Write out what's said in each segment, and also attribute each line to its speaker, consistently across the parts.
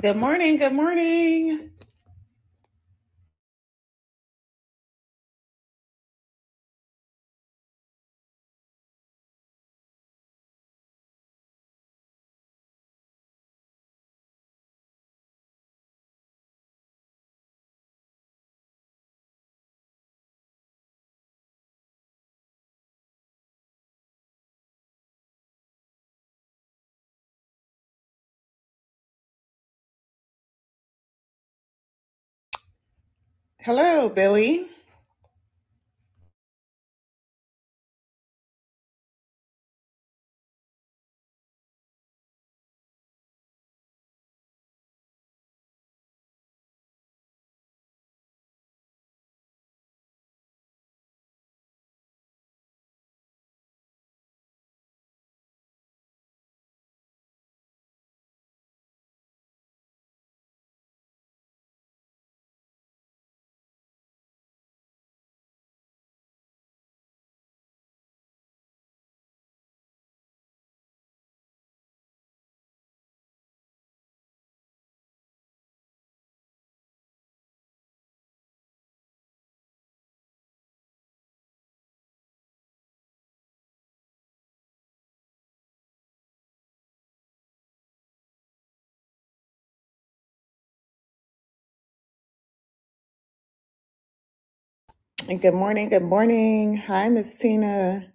Speaker 1: Good morning. Good morning. Hello, Billy. And good morning. Good morning. Hi, Miss Tina.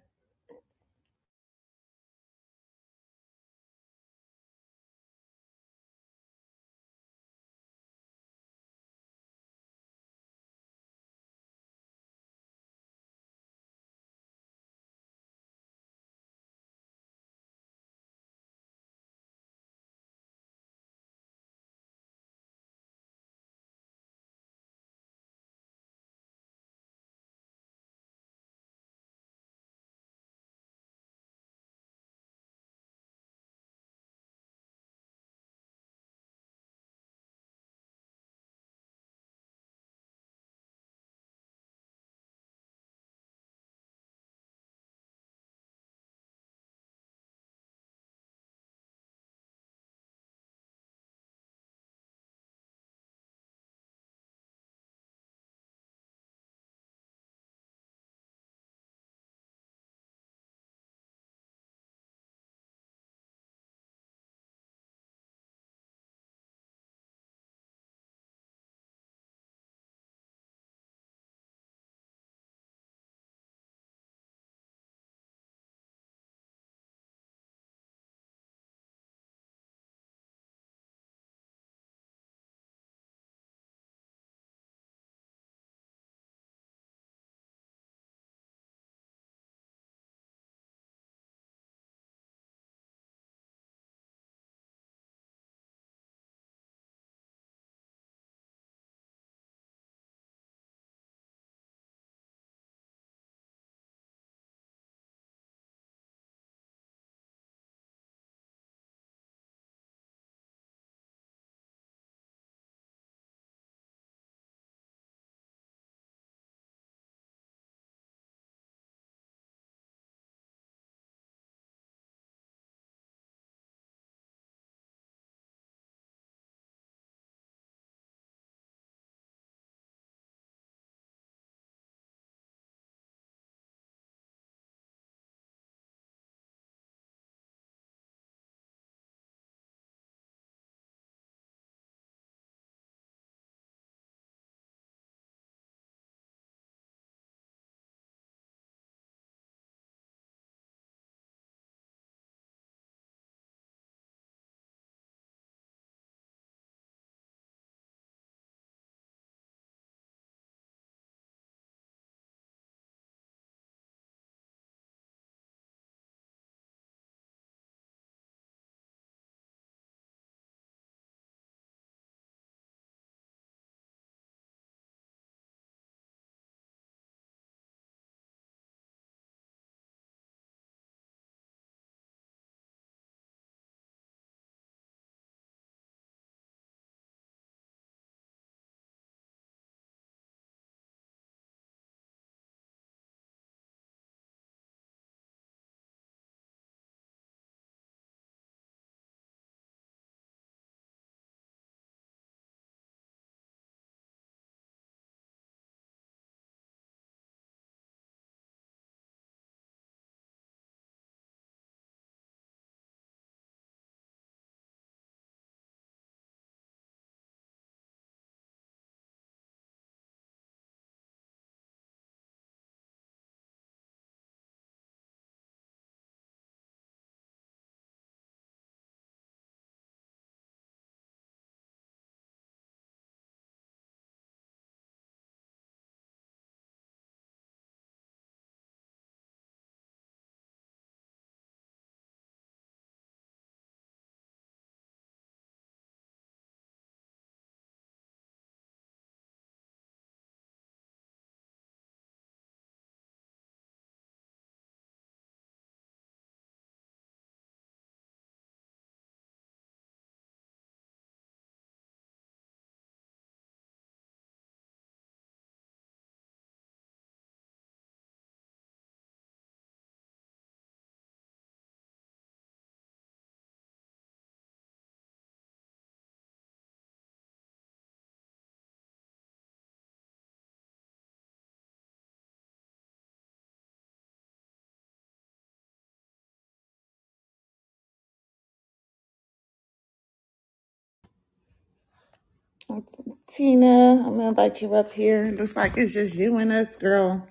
Speaker 1: It's Tina, I'm going to invite you up here. Looks like it's just you and us, girl.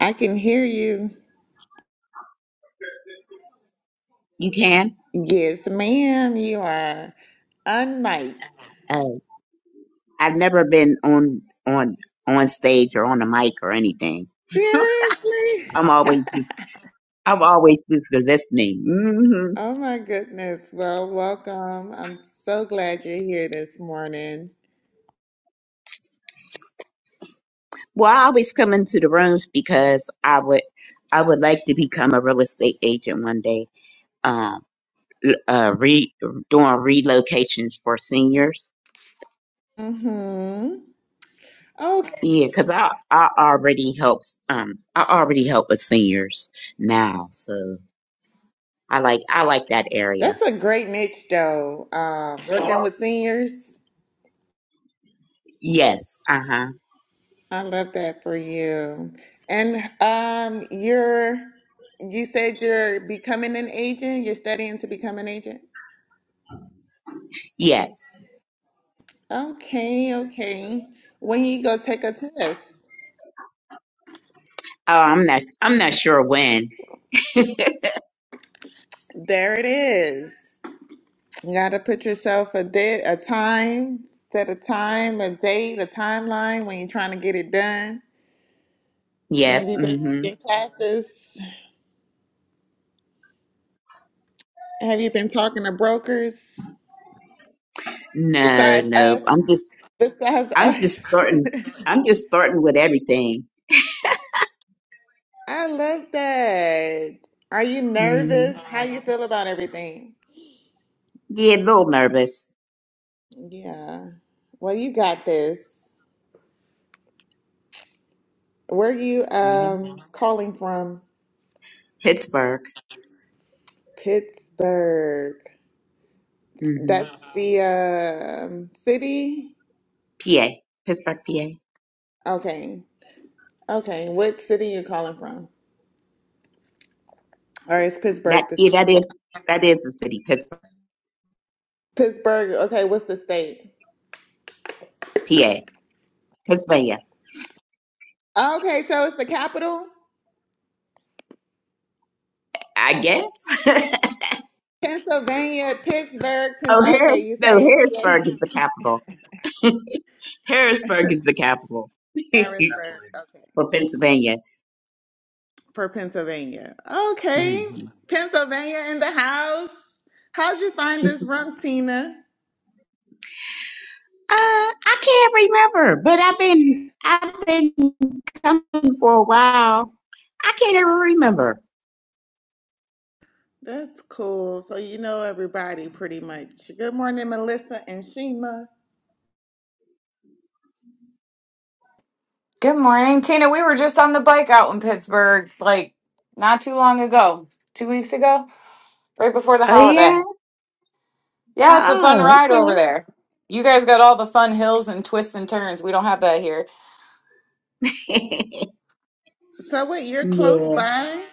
Speaker 1: I can hear you.
Speaker 2: You can.
Speaker 1: Yes, ma'am. You are unmiked.
Speaker 2: Uh, I've never been on on on stage or on a mic or anything.
Speaker 1: Seriously?
Speaker 2: I'm always just I'm always just the listening. hmm
Speaker 1: Oh, my goodness. Well, welcome. I'm so glad you're here this morning.
Speaker 2: Well, I always come into the rooms because I would I would like to become a real estate agent one day. Um, uh, re doing relocations for seniors.
Speaker 1: Mm-hmm. Okay.
Speaker 2: Yeah, because I I already helps um I already help with seniors now, so I like I like that area.
Speaker 1: that's a great niche, though. Um, working with seniors.
Speaker 2: Yes, uh huh,
Speaker 1: I love that for you. And um, you're you said you're becoming an agent. You're studying to become an agent.
Speaker 2: yes.
Speaker 1: Okay, okay. When you go take a test,
Speaker 2: Oh, I'm not. I'm not sure when.
Speaker 1: there it is. You got to put yourself a date, a time, set a time, a date, a timeline when you're trying to get it done. Have
Speaker 2: Yes.
Speaker 1: you been
Speaker 2: hmm
Speaker 1: taking classes? Have you been talking to brokers
Speaker 2: No.
Speaker 1: besides
Speaker 2: No.
Speaker 1: us?
Speaker 2: I'm just.
Speaker 1: Besides
Speaker 2: I'm
Speaker 1: us.
Speaker 2: just starting. I'm just starting with everything.
Speaker 1: I love that. Are you
Speaker 2: hmm
Speaker 1: nervous? How you feel about everything?
Speaker 2: Yeah, a little nervous.
Speaker 1: Yeah. Well, you got this. Where you
Speaker 2: Yeah.
Speaker 1: um calling from?
Speaker 2: Pittsburgh.
Speaker 1: Pittsburgh.
Speaker 2: hmm
Speaker 1: That's the um city?
Speaker 2: PA. Pittsburgh, PA.
Speaker 1: Okay. Okay. What city you calling from? Or is
Speaker 2: That.
Speaker 1: Pittsburgh the
Speaker 2: Yeah,
Speaker 1: city?
Speaker 2: that is. That is the city. Pittsburgh,
Speaker 1: Pittsburgh. Okay, what's the state?
Speaker 2: PA. Pennsylvania.
Speaker 1: Okay, so it's the capital?
Speaker 2: I guess.
Speaker 1: Pennsylvania, Pittsburgh. Pen-
Speaker 2: oh,
Speaker 1: okay,
Speaker 2: Harris.
Speaker 1: you're
Speaker 2: No,
Speaker 1: saying
Speaker 2: Harrisburg is the
Speaker 1: PA?
Speaker 2: capital. Harrisburg is the capital
Speaker 1: Harrisburg. Okay.
Speaker 2: for Pennsylvania.
Speaker 1: for Pennsylvania. Okay.
Speaker 2: Mm-hmm.
Speaker 1: Pennsylvania in the house. How'd you find this room, Tina?
Speaker 2: Uh, I can't remember, but I've been I've been coming for a while. I can't even remember.
Speaker 1: That's cool. So you know everybody pretty much. Good morning, Melissa and Shima.
Speaker 3: Good morning, Tina. We were just on the bike out in Pittsburgh, like not too long ago, two weeks ago, right before the
Speaker 2: Oh yeah.
Speaker 3: holiday. Yeah, it's a fun
Speaker 2: Oh
Speaker 3: ride over there. You guys got all the fun hills and twists and turns. We don't have that here.
Speaker 2: okay.
Speaker 1: So wait, you're close
Speaker 2: yeah.
Speaker 1: by?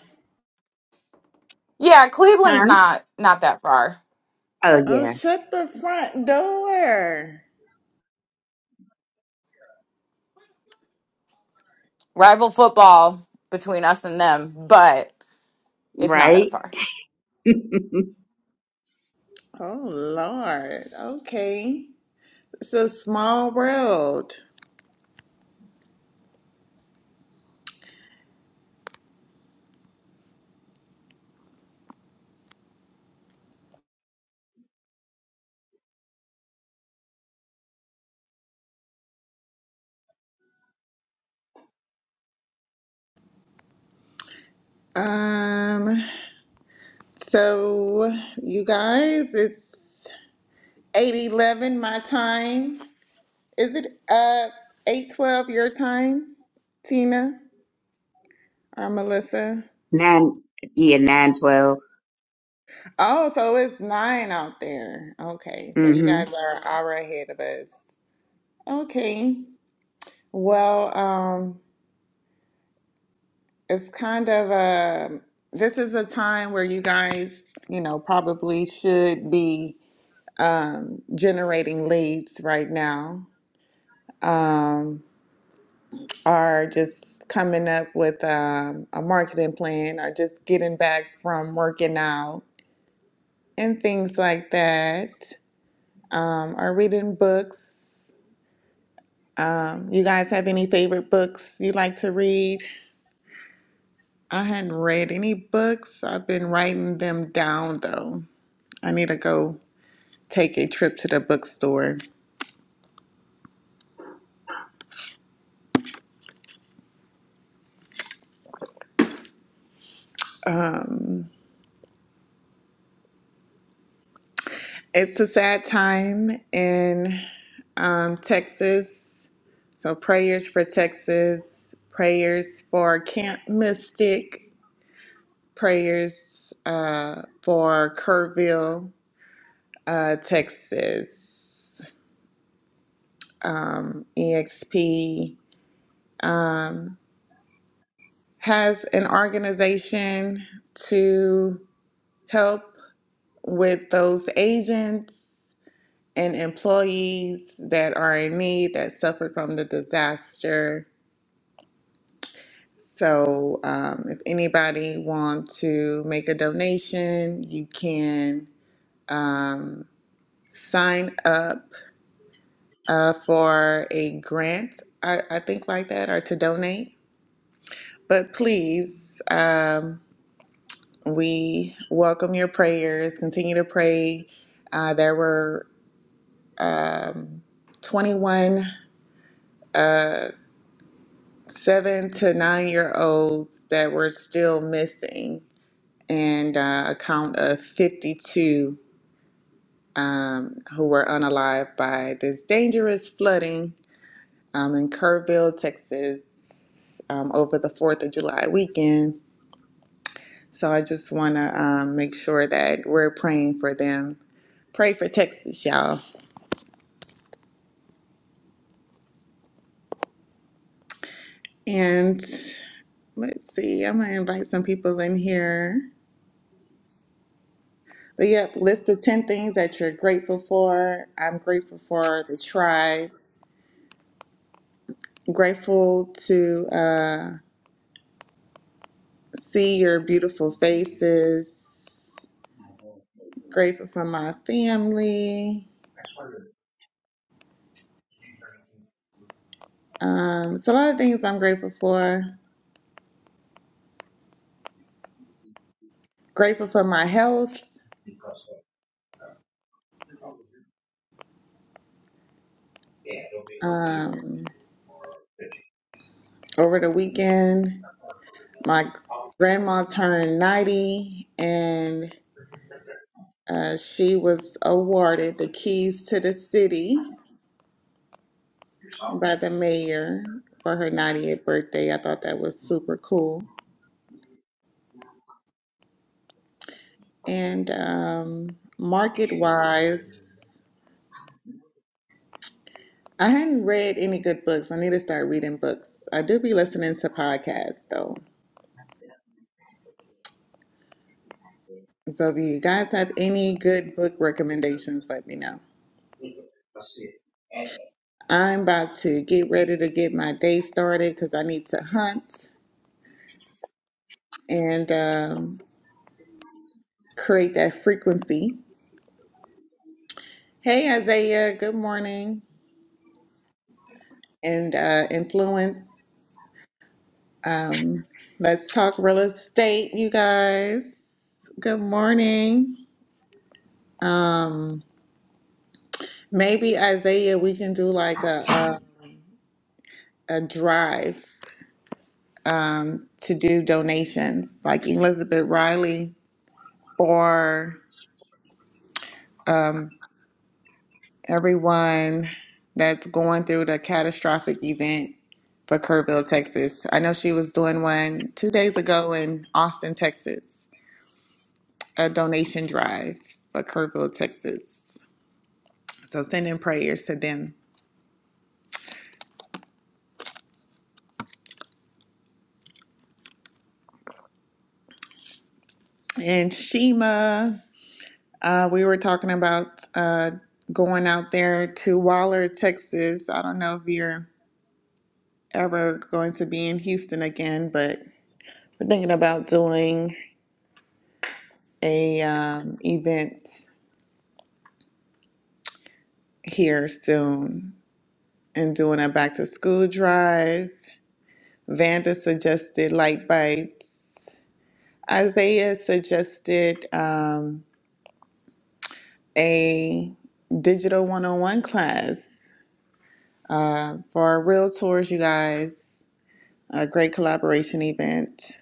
Speaker 3: Yeah, Cleveland's
Speaker 2: Huh?
Speaker 3: not not that far.
Speaker 2: Oh
Speaker 1: Oh,
Speaker 2: yeah.
Speaker 1: shut the front door.
Speaker 3: Rival football between us and them, but it's not that
Speaker 2: Right.
Speaker 3: far.
Speaker 1: Oh Lord. Okay. It's a small world. Um so you guys, it's eight eleven my time. Is it uh eight twelve your time, Tina or Melissa?
Speaker 2: nine. Yeah, nine twelve.
Speaker 1: Oh, so it's nine out there. Okay, so you
Speaker 2: Mhm.
Speaker 1: guys are hour ahead of us. Okay. Well, um, it's kind of a this is a time where you guys, you know, probably should be um generating leads right now. Um or just coming up with um, a marketing plan or just getting back from working out and things like that, um, or reading books. Um, you guys have any favorite books you like to read? I hadn't read any books. I've been writing them down though. I need to go take a trip to the bookstore. Um, It's a sad time in um, Texas. So, prayers for Texas, prayers for Camp Mystic, prayers uh, for Kerrville, uh, Texas. Um, EXP um, has an organization to help with those agents and employees that are in need that suffered from the disaster. So, um, if anybody want to make a donation, you can um, sign up uh, for a grant, I, I think like that, or to donate. But please, um, we welcome your prayers. Continue to pray. Uh, there were um, 21. uh, seven to nine year olds that were still missing, and uh, a count of 52 um, who were unalived by this dangerous flooding um, in Kerrville, Texas, um, over the 4th of July weekend. So I just want to um, make sure that we're praying for them. Pray for Texas, y'all. And let's see, I'm going to invite some people in here. But yep, list the 10 things that you're grateful for. I'm grateful for the tribe. grateful to uh, see your beautiful faces. Grateful for my family. Um, it's a lot of things I'm grateful for. Grateful for my health. Um, over the weekend, my grandma turned 90 and uh, she was awarded the keys to the city by the mayor for her 90th birthday. I thought that was super cool. And um, market wise, I hadn't read any good books. I need to start reading books. I do be listening to podcasts though. So if you guys have any good book recommendations, let me know. I'm about to get ready to get my day started because I need to hunt and um, create that frequency. Hey, Isaiah, good morning and uh, influence. Um, let's talk real estate, you guys. Good morning. Um, maybe Isaiah, we can do like a a, a drive um, to do donations, like Elizabeth Riley for um, everyone that's going through the catastrophic event for Kerrville, Texas. I know she was doing one two days ago in Austin, Texas, a donation drive for Kerrville, Texas. So sending prayers to them. And Shima, uh, we were talking about uh, going out there to Waller, Texas. I don't know if you're ever going to be in Houston again, but we're thinking about doing a um, event here soon and doing a back to school drive. Vanda suggested light bites. Isaiah suggested um, a digital one-on-one class uh, for Real Tours, you guys. A great collaboration event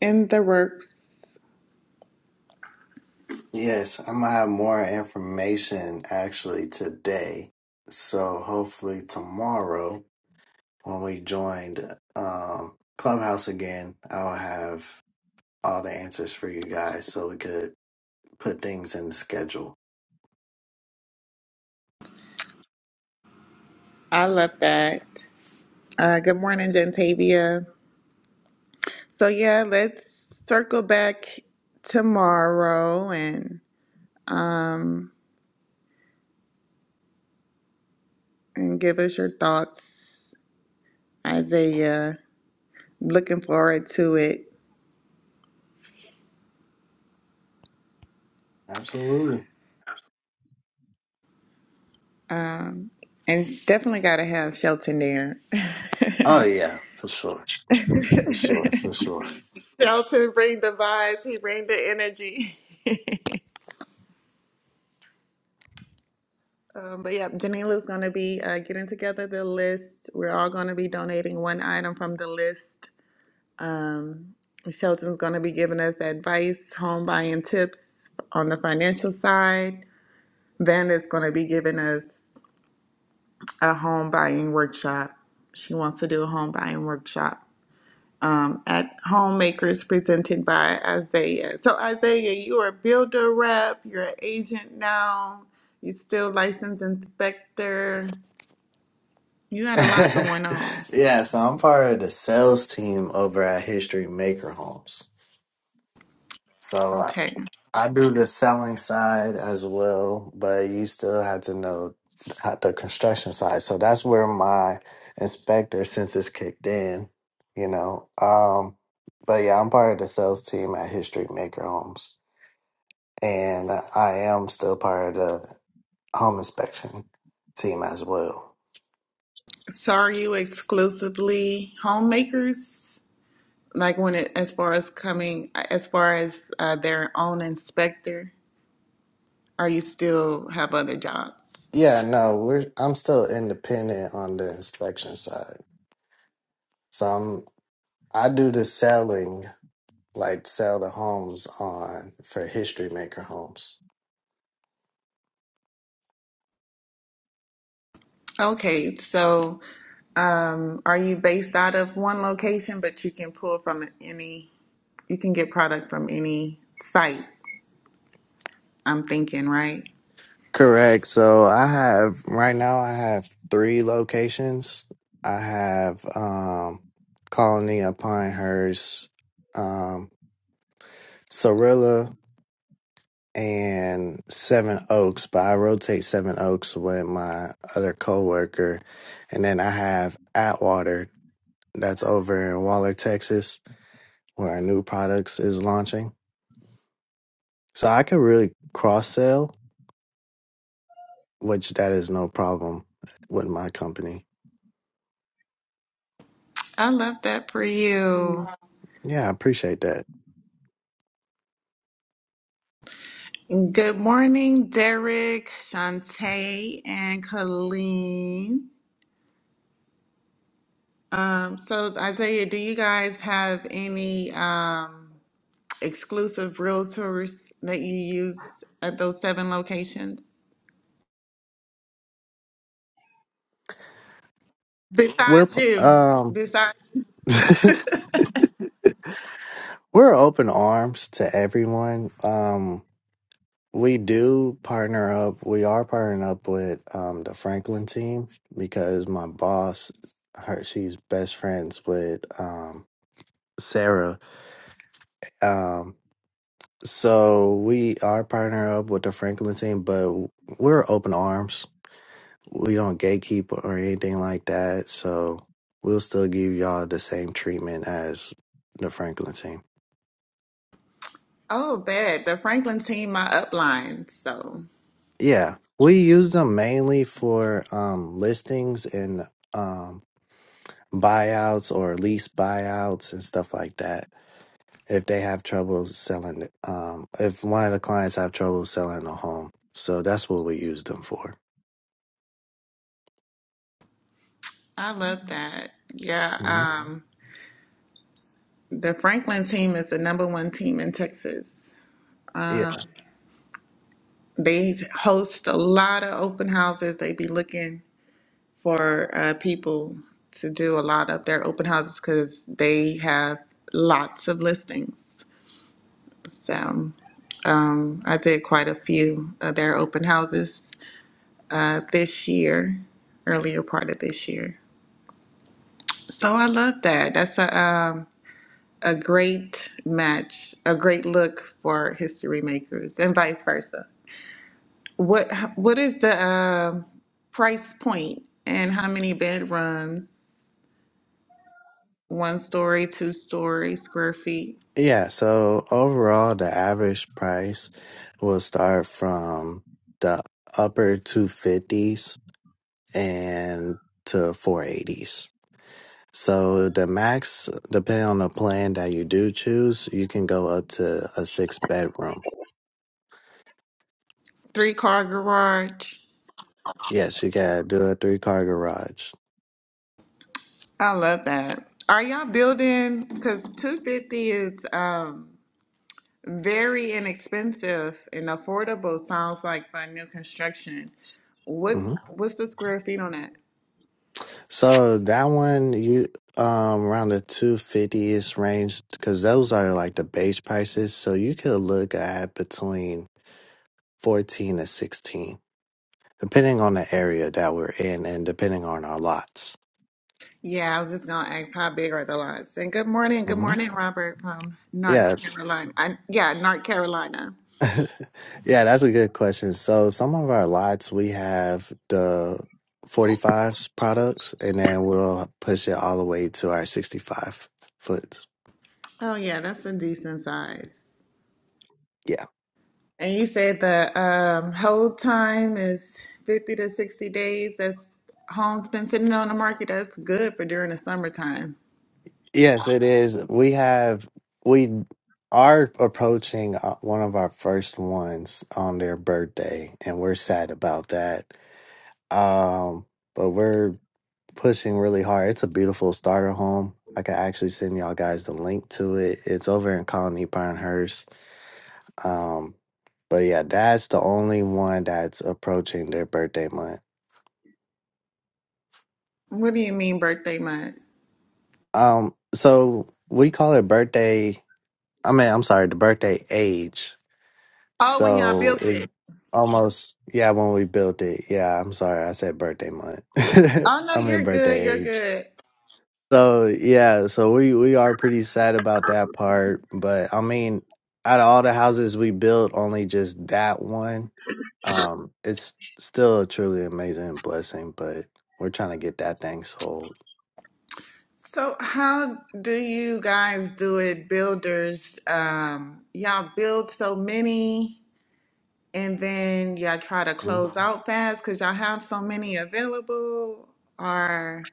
Speaker 1: in the works.
Speaker 4: Yes, I'm gonna have more information actually today. So hopefully tomorrow when we joined um Clubhouse again, I'll have all the answers for you guys so we could put things in the schedule.
Speaker 1: I love that. Uh, good morning, Gentavia. So, yeah, let's circle back tomorrow and um, and give us your thoughts, Isaiah. Looking forward to it.
Speaker 4: Absolutely.
Speaker 1: Um, and definitely got to have Shelton there.
Speaker 4: Oh yeah, for sure. For sure, for sure.
Speaker 1: Shelton bring the vibes, he bring the energy. Um, but yeah, Janila's going to be uh, getting together the list. We're all going to be donating one item from the list. Um, Shelton's going to be giving us advice, home buying tips on the financial side. Vanda's going to be giving us a home buying workshop. She wants to do a home buying workshop um, at Homemakers presented by Isaiah. So, Isaiah, you are a builder rep, you're an agent now, you're still licensed inspector. You had a lot going on.
Speaker 4: yeah, so I'm part of the sales team over at History Maker Homes. So
Speaker 1: Okay.
Speaker 4: I do the selling side as well, but you still had to know how the construction side. So that's where my inspector since kicked in, you know. Um, but yeah, I'm part of the sales team at History Maker Homes, and I am still part of the home inspection team as well.
Speaker 1: So are you exclusively homemakers? Like when it, as far as coming, as far as uh, their own inspector, or you still have other jobs?
Speaker 4: Yeah, no, we're I'm still independent on the inspection side, so I'm I do the selling like sell the homes on for history maker homes.
Speaker 1: Okay. So um, are you based out of one location, but you can pull from any, you can get product from any site, I'm thinking, right?
Speaker 4: Correct. So I have right now I have three locations. I have um Colony of Pinehurst, um Cirilla and Seven Oaks, but I rotate Seven Oaks with my other coworker. And then I have Atwater that's over in Waller, Texas, where our new products is launching. So I could really cross sell which that is no problem with my company.
Speaker 1: I love that for you.
Speaker 4: Yeah, I appreciate that.
Speaker 1: Good morning, Derek, Shantae, and Colleen. Um, so, Isaiah, do you guys have any um, exclusive realtors that you use at those seven locations?
Speaker 4: We're
Speaker 1: Besides
Speaker 4: p-
Speaker 1: you,
Speaker 4: um
Speaker 1: besides,
Speaker 4: we're open arms to everyone. Um we do partner up. We are partnering up with um the Franklin team because my boss her she's best friends with um Sarah. Um so we are partnering up with the Franklin team, but we're open arms we don't gatekeep or anything like that. So we'll still give y'all the same treatment as the Franklin team.
Speaker 1: oh, bad. The Franklin team, my upline. So,
Speaker 4: Yeah, we use them mainly for um, listings and um, buyouts or lease buyouts and stuff like that. If they have trouble selling, um, if one of the clients have trouble selling a home, so that's what we use them for.
Speaker 1: I love that. Yeah.
Speaker 4: Mhm.
Speaker 1: Um, the Franklin team is the number one team in Texas. They host a lot of open houses. They be looking for uh, people to do a lot of their open houses because they have lots of listings. So um, I did quite a few of their open houses uh, this year, earlier part of this year. So I love that. That's a um, a great match, a great look for history makers, and vice versa. What what is the um price point, and how many bedrooms? one story, two story, square feet,
Speaker 4: Yeah, so overall, the average price will start from the upper 250s and to 480s. So the max, depending on the plan that you do choose, you can go up to a six bedroom.
Speaker 1: three car garage.
Speaker 4: Yes, you gotta do a three car garage.
Speaker 1: I love that. Are y'all building? Because 250 is um, very inexpensive and affordable. Sounds like for new construction. What's
Speaker 4: hmm
Speaker 1: what's the square feet on that?
Speaker 4: So that one, you um around the 250s range, because those are like the base prices. So you could look at between 14 to 16, depending on the area that we're in and depending on our lots.
Speaker 1: Yeah, I was just gonna ask how big are the lots. And good morning, good
Speaker 4: hmm
Speaker 1: morning, Robert from North
Speaker 4: Yeah.
Speaker 1: Carolina. I, yeah, North Carolina.
Speaker 4: yeah, that's a good question. So, some of our lots, we have the 45s products, and then we'll push it all the way to our 65 foot.
Speaker 1: Oh yeah, that's a decent size.
Speaker 4: Yeah.
Speaker 1: And you said the um, hold time is 50 to 60 days. That's home's been sitting on the market. That's good for during the summertime.
Speaker 4: Yes, it is. We have, we are approaching uh, one of our first ones on their birthday, and we're sad about that. Um, but we're pushing really hard. It's a beautiful starter home. I can actually send y'all guys the link to it. It's over in Colony Pinehurst. Um, but yeah, that's the only one that's approaching their birthday month.
Speaker 1: What do you mean birthday month?
Speaker 4: Um, so we call it birthday. I mean, I'm sorry, the birthday age.
Speaker 1: Oh, when y'all
Speaker 4: So
Speaker 1: built
Speaker 4: it's
Speaker 1: it.
Speaker 4: almost yeah when we built it. Yeah, I'm sorry, I said birthday month.
Speaker 1: Oh, no,
Speaker 4: I'm in
Speaker 1: you're good.
Speaker 4: birthday
Speaker 1: You're
Speaker 4: age.
Speaker 1: good.
Speaker 4: So yeah, so we we are pretty sad about that part, but I mean, out of all the houses we built, only just that one. Um, it's still a truly amazing blessing, but we're trying to get that thing sold.
Speaker 1: So, how do you guys do it, builders? Um, y'all build so many and then y'all try to
Speaker 4: Mhm.
Speaker 1: close out fast because y'all have so many available, or?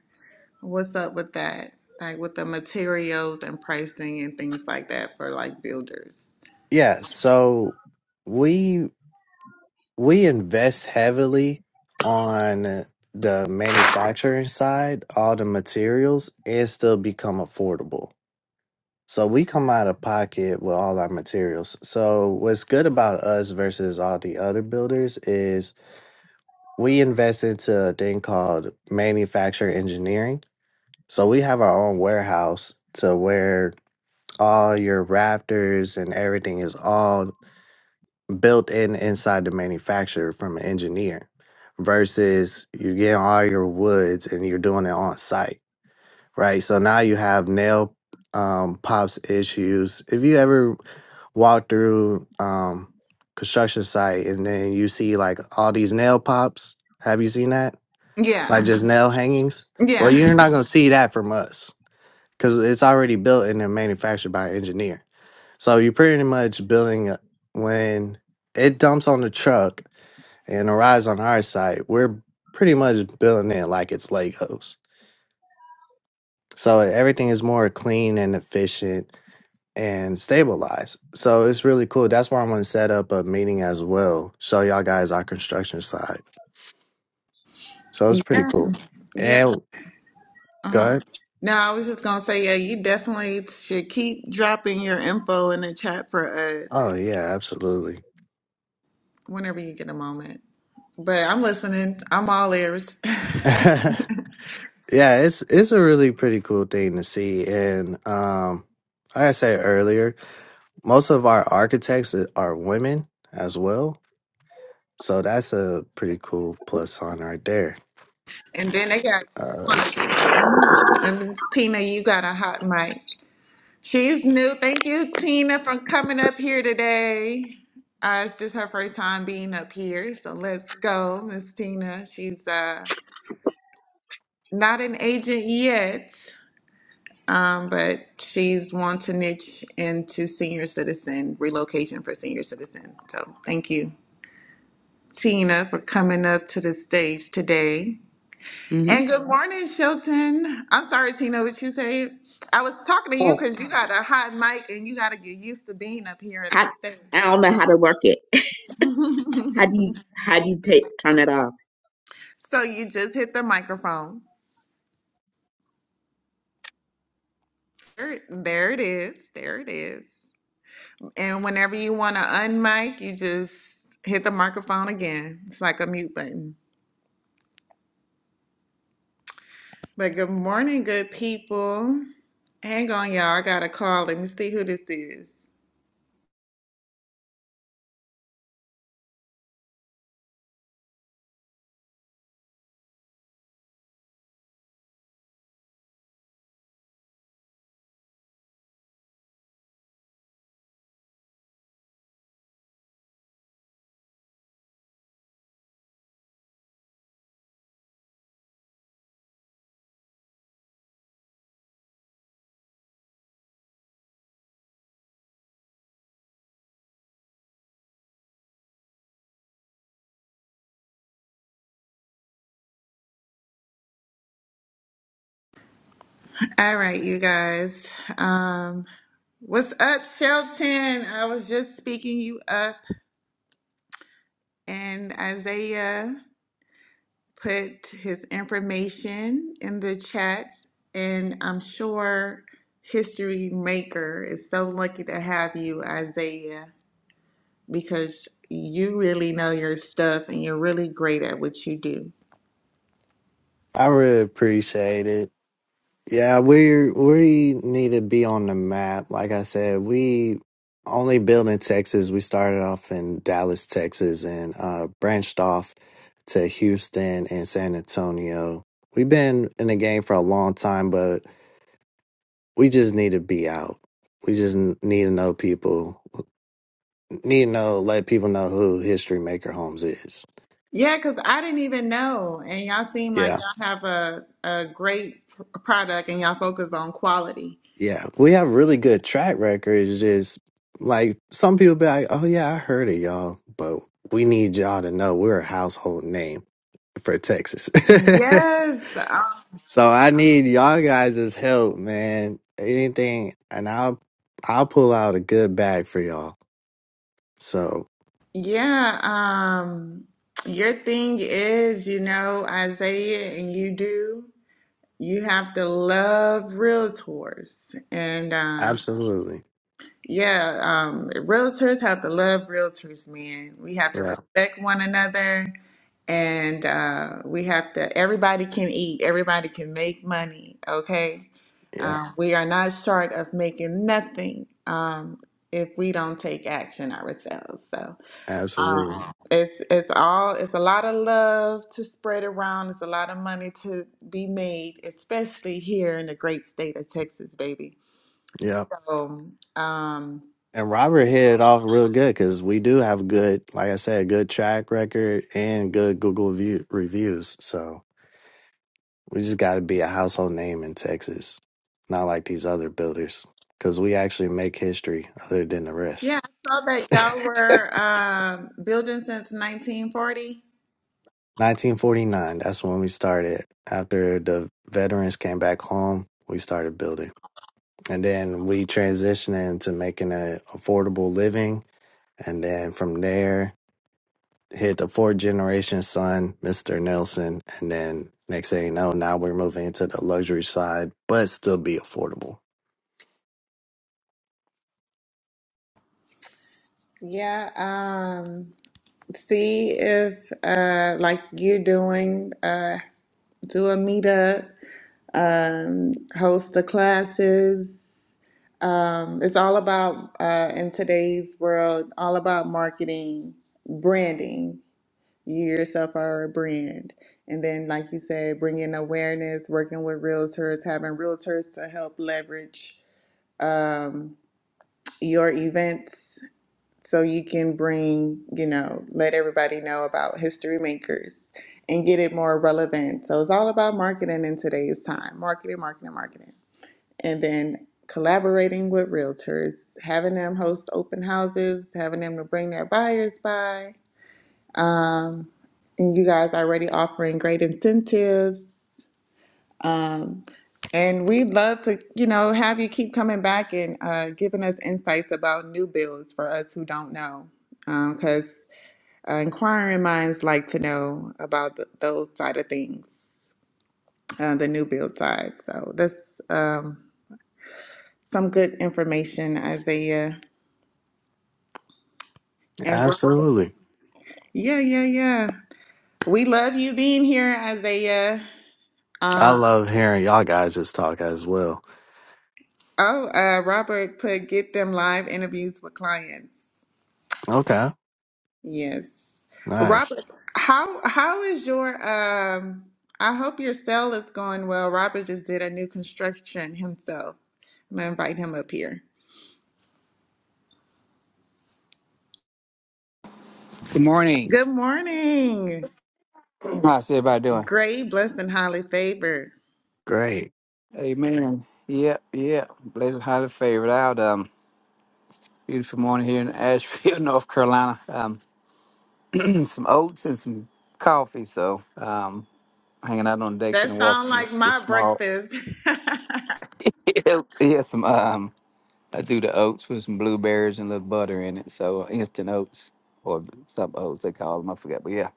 Speaker 1: What's up with that? Like with the materials and pricing and things like that for like builders.
Speaker 4: Yeah, so we we invest heavily on the manufacturing side, all the materials, and still become affordable. So we come out of pocket with all our materials. So what's good about us versus all the other builders is we invest into a thing called manufacturer engineering. So we have our own warehouse to where all your rafters and everything is all built in inside the manufacturer from an engineer versus you getting all your woods and you're doing it on site, right? So now you have nail um, pops issues. If you ever walk through um construction site and then you see like all these nail pops. Have you seen that? Like
Speaker 1: Yeah.
Speaker 4: just nail hangings? Well,
Speaker 1: Yeah.
Speaker 4: you're not gonna see that from us because it's already built and then manufactured by an engineer. So you're pretty much building a- when it dumps on the truck and arrives on our site. We're pretty much building it like it's Legos. So everything is more clean and efficient and stabilize. So it's really cool. That's why I'm going to set up a meeting as well. Show y'all guys our construction side. So it's pretty
Speaker 1: Yeah.
Speaker 4: cool.
Speaker 1: Yeah.
Speaker 4: And go
Speaker 1: Uh-huh.
Speaker 4: ahead.
Speaker 1: No, I was just gonna say, yeah, you definitely should keep dropping your info in the chat for us
Speaker 4: Oh yeah, absolutely.
Speaker 1: whenever you get a moment. But I'm listening. I'm all ears.
Speaker 4: yeah, it's it's a really pretty cool thing to see. And um, like I said earlier, most of our architects are women as well. So that's a pretty cool plus sign right there.
Speaker 1: And then they got you on
Speaker 4: Uh,
Speaker 1: the
Speaker 4: so
Speaker 1: team. If it's Tina, you got a hot mic. She's new. Thank you, Tina, for coming up here today. Uh, it's just her first time being up here. So let's go, Miss Tina. She's uh, not an agent yet, um, but she's wanting to niche into senior citizen relocation for senior citizen. So thank you, Tina, for coming up to the stage today.
Speaker 2: Mhm.
Speaker 1: And good morning, Shelton. I'm sorry, Tina, what you said. I was talking to you
Speaker 2: Oh,
Speaker 1: because you got a hot mic and you got to get used to being up here at
Speaker 2: I
Speaker 1: the
Speaker 2: I
Speaker 1: stage.
Speaker 2: don't know how to work it. How do you how do you take turn it off?
Speaker 1: so you just hit the microphone. There, there it is. There it is. And whenever you want to unmic, you just hit the microphone again. It's like a mute button. But good morning, good people. Hang on, y'all. I got a call. Let me see who this is. All right, you guys. Um, What's up, Shelton? I was just speaking you up, and Isaiah put his information in the chat, and I'm sure History Maker is so lucky to have you, Isaiah, because you really know your stuff and you're really great at what you do.
Speaker 4: I really appreciate it. Yeah, we we need to be on the map. Like I said, we only built in Texas. We started off in Dallas, Texas, and uh, branched off to Houston and San Antonio. We've been in the game for a long time, but we just need to be out. We just n- need to know people. Need to know, let people know who History Maker Homes is.
Speaker 1: Yeah, because I didn't even know, and y'all seem
Speaker 4: Yeah.
Speaker 1: like y'all have a, a great pr- product and y'all focus on quality.
Speaker 4: Yeah, we have really good track records. Just like some people be like, "Oh yeah, I heard of y'all," but we need y'all to know we're a household name for Texas.
Speaker 1: Yes,
Speaker 4: so I need y'all guys' help, man. Anything, and I'll I'll pull out a good bag for y'all. So
Speaker 1: Yeah, um, your thing is, you know, Isaiah, and you do, you have to love realtors. And uh,
Speaker 4: absolutely,
Speaker 1: yeah, um, realtors have to love realtors, man. We have to
Speaker 4: yeah,
Speaker 1: respect one another, and uh, we have to, everybody can eat, everybody can make money, okay?
Speaker 4: yeah,
Speaker 1: Um, we are not short of making nothing um, if we don't take action ourselves. so.
Speaker 4: absolutely,
Speaker 1: Um, it's it's all it's a lot of love to spread around. It's a lot of money to be made, especially here in the great state of Texas, baby.
Speaker 4: yeah.
Speaker 1: So, um,
Speaker 4: And Robert hit it off real good because we do have good, like I said, good track record and good Google view, reviews. So. We just got to be a household name in Texas, not like these other builders, because we actually make history other than the rest.
Speaker 1: yeah, I saw that y'all were um, building since 1940.
Speaker 4: 1949, that's when we started. After the veterans came back home, we started building. And then we transitioned into making an affordable living. And then from there, hit the fourth generation son, Mr. Nelson. And then next thing you know, now we're moving into the luxury side, but still be affordable.
Speaker 1: Yeah, um, see if uh, like you're doing, uh, do a meetup um, host the classes. Um, it's all about, uh, in today's world, all about marketing, branding. You yourself are a brand. And then, like you said, bringing awareness, working with realtors, having realtors to help leverage um, your events so you can bring, you know, let everybody know about History Makers and get it more relevant. So it's all about marketing in today's time marketing, marketing, marketing and then collaborating with realtors, having them host open houses, having them to bring their buyers by. Um, and you guys are already offering great incentives. Um, and we'd love to, you know, have you keep coming back and uh, giving us insights about new builds for us who don't know, because uh, inquiring minds like to know about th those side of things, uh, the new build side. So that's. Um, some good information, Isaiah. And Ro-
Speaker 4: Absolutely.
Speaker 1: yeah, yeah, yeah. We love you being here, Isaiah.
Speaker 4: I
Speaker 1: Uh,
Speaker 4: love hearing y'all guys' talk as well.
Speaker 1: oh, uh, Robert put get them live interviews with clients.
Speaker 4: Okay.
Speaker 1: Yes,
Speaker 4: Nice.
Speaker 1: Robert. How how is your um? I hope your sale is going well. Robert just did a new construction himself. I'm gonna invite him up here.
Speaker 5: Good morning.
Speaker 1: Good morning.
Speaker 5: How's everybody doing?
Speaker 1: Great, blessed, and highly favored.
Speaker 4: Great.
Speaker 5: Amen. Yep, yep. Blessed, highly favored out. Um, beautiful morning here in Asheville, North Carolina. Um, some oats and some coffee. So, um, hanging out on the deck for the
Speaker 1: That
Speaker 5: walk
Speaker 1: sound
Speaker 5: the,
Speaker 1: like
Speaker 5: the
Speaker 1: my
Speaker 5: small.
Speaker 1: breakfast.
Speaker 5: yeah, some um, I do the oats with some blueberries and a little butter in it. So instant oats or some oats they call them. I forget, but yeah,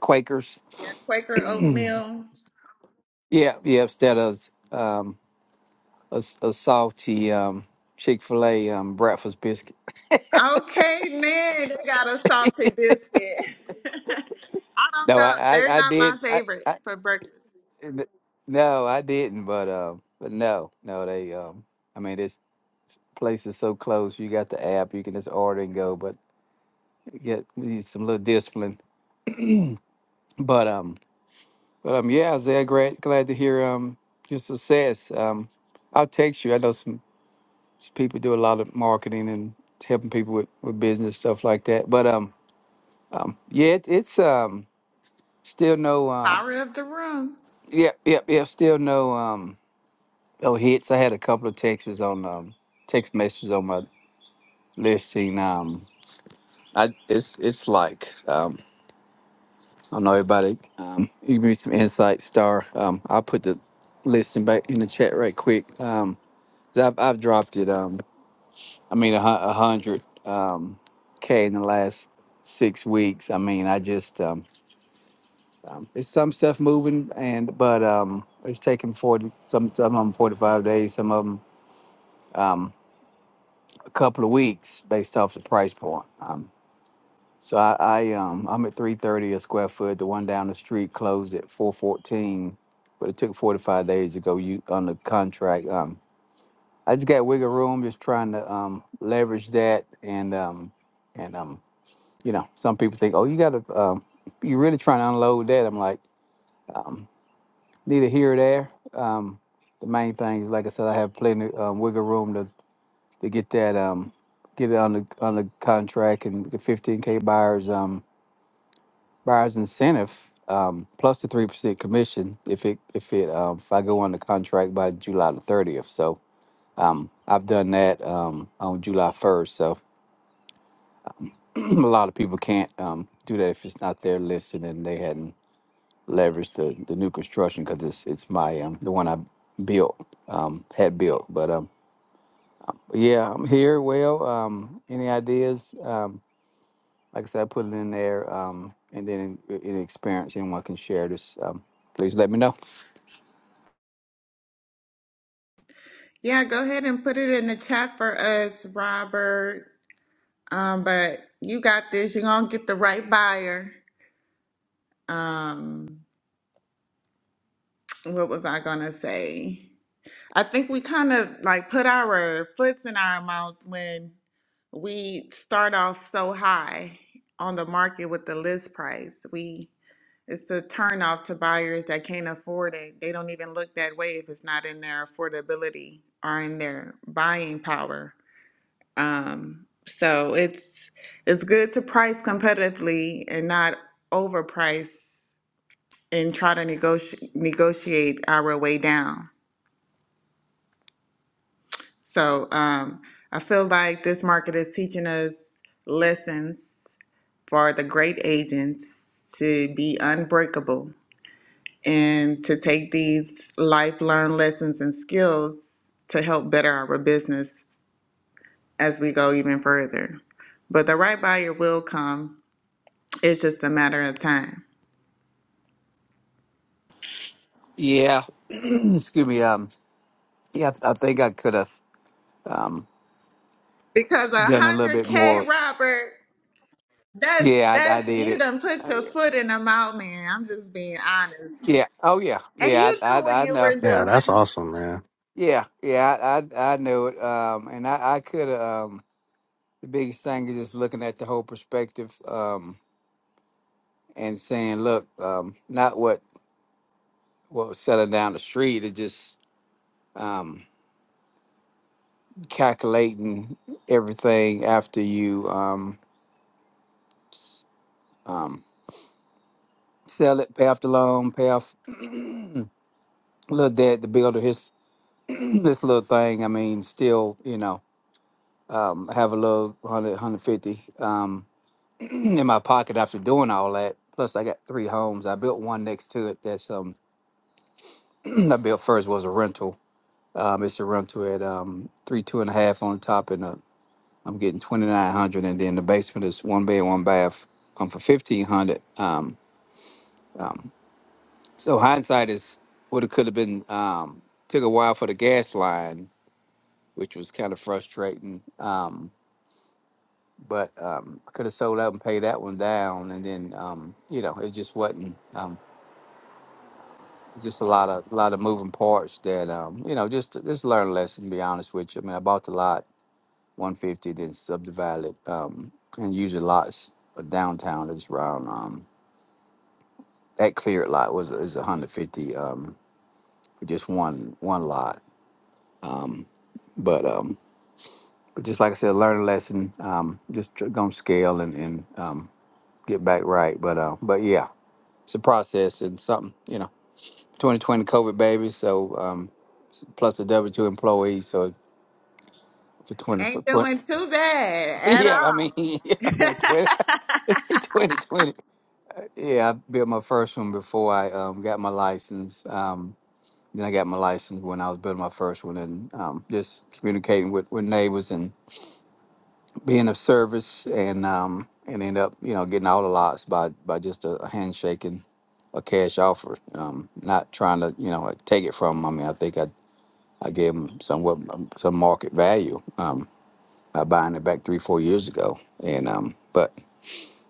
Speaker 5: Quakers.
Speaker 1: Yeah, Quaker oatmeal.
Speaker 5: Yeah, yeah. Instead of um, a, a salty um Chick Fil A um breakfast biscuit.
Speaker 1: Okay, man, they got a salty biscuit. I don't
Speaker 5: No, I,
Speaker 1: go. They're
Speaker 5: I, I
Speaker 1: not
Speaker 5: did.
Speaker 1: my
Speaker 5: I,
Speaker 1: favorite
Speaker 5: I,
Speaker 1: for breakfast.
Speaker 5: n- no, I didn't. But um, but no, no, they um, I mean, this place is so close. You got the app. You can just order and go. But you get you need some little discipline. But um, but um, yeah, Isaiah, glad glad to hear um your success. Um, I'll text you. I know some, some people do a lot of marketing and helping people with, with business stuff like that. But um, um, yeah, it, it's um still no um,
Speaker 1: Power of the room.
Speaker 5: yeah, yeah, yeah, still no um. Oh, hits. I had a couple of texts on um, text messages on my list, and Um, I it's it's like um, I know everybody. Um, you give me some insight, Star. Um, I'll put the listing back in the chat right quick. Um, 'cause I've I've dropped it. Um, I mean a, hun- a hundred um k in the last six weeks. I mean, I just um, it's some stuff moving, and but um, it's taking forty some some of them forty five days, some of them a couple of weeks based off the price point. Um, So I, I um I'm at three thirty a square foot. The one down the street closed at four fourteen, but it took forty five days to go you on the contract. Um I just got wiggle room, just trying to um leverage that and um and um you know, some people think, Oh, you gotta um you really trying to unload that. I'm like, um, neither here or there. Um the main thing is like I said, I have plenty um, wiggle room to, to get that um get it on the on the contract and the fifteen K buyers. Um buyer's incentive um, plus the three percent commission if it if it um, if I go under contract by July the thirtieth. So um, I've done that um, on July first. So a lot of people can't um, do that if it's not their listing and they hadn't leveraged the, the new construction because it's it's my um, the one I built um, had built. But um, yeah, I'm here. Well, um, any ideas? Um, like I said, I put it in there. Um, and then any experience anyone can share this, um, please let me know.
Speaker 1: Yeah, go ahead and put it in the chat for us, Robert. Um, but you got this. You're gonna get the right buyer. Um, what was I gonna say? I think we kind of like put our foots in our mouths when we start off so high on the market with the list price. We it's a turnoff to buyers that can't afford it. They don't even look that way if it's not in their affordability or in their buying power. Um, so it's it's good to price competitively and not overprice and try to negotiate negotiate our way down. So um, I feel like this market is teaching us lessons for the great agents to be unbreakable and to take these life learned lessons and skills to help better our business as we go even further. But the right buyer will come. It's just a matter of time.
Speaker 5: Yeah. Excuse me. Um. Yeah, I I think I could have um
Speaker 1: Because a
Speaker 5: done a little
Speaker 1: hundred
Speaker 5: bit
Speaker 1: K
Speaker 5: more.
Speaker 1: Robert, that's
Speaker 5: Yeah, I, I
Speaker 1: that's
Speaker 5: did
Speaker 1: you
Speaker 5: it.
Speaker 1: done put your foot in the mouth, man. I'm just being honest.
Speaker 5: Yeah. Oh, yeah.
Speaker 1: And
Speaker 5: Yeah.
Speaker 1: you
Speaker 5: I,
Speaker 1: knew what
Speaker 5: I, I
Speaker 1: you
Speaker 5: know.
Speaker 1: were
Speaker 4: Yeah, that's
Speaker 1: doing.
Speaker 4: awesome, man.
Speaker 5: Yeah. Yeah. I, I, I knew it. Um. And I, I could. Um. The biggest thing is just looking at the whole perspective. Um. And saying, look, um, not what what was selling down the street. It just um calculating everything after you um um sell it, pay off the loan, pay off little dad to build his this little thing. I mean, still, you know, um, I have a little 100, um, in my pocket after doing all that. Plus, I got three homes. I built one next to it that's um, I built first was a rental. Um, it's a rental at um, three, two and a half on top, and uh, I'm getting 2,900. And then the basement is one bed, one bath um, for 1,500. Um, so hindsight is what it could have been. Um, took a while for the gas line, which was kind of frustrating. Um, but um, I could have sold out and paid that one down, and then um, you know it just wasn't. Um, it's just a lot of lot of moving parts that um, you know just just learn a lesson. To be honest with you, I mean I bought the lot 150, then subdivided it, um, and usually lots of downtown that's around um, that cleared lot was is 150 um, for just one one lot, but um, but just like I said, learn a lesson. Um, just tr- gonna scale and and um, get back right, but uh, but yeah, it's a process and something you know 2020 COVID baby. So um, plus the W two employees. So for 20 for
Speaker 1: Ain't
Speaker 5: 20,
Speaker 1: doing too bad at
Speaker 5: yeah, I mean, yeah,
Speaker 1: all.
Speaker 5: I mean 20, 2020. Yeah, I built my first one before I um, got my license. Um, then I got my license when I was building my first one, and um, just communicating with, with neighbors and being of service, and um, and end up you know getting all the lots by by just a, a handshake and a cash offer. Um, not trying to you know like, take it from. 'em. I mean, I think I I gave them somewhat some market value um, by buying it back three four years ago, and um, but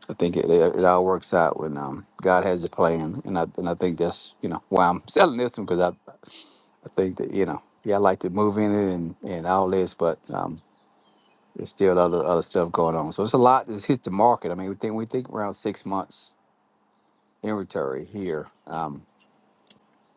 Speaker 5: I think it, it, it all works out when um, God has a plan, and I and I think that's you know why I'm selling this one because I I think that you know yeah I like to move in it and and all this, but um, there's still other other stuff going on, so it's a lot that's hit the market. I mean we think we think around six months inventory here, um,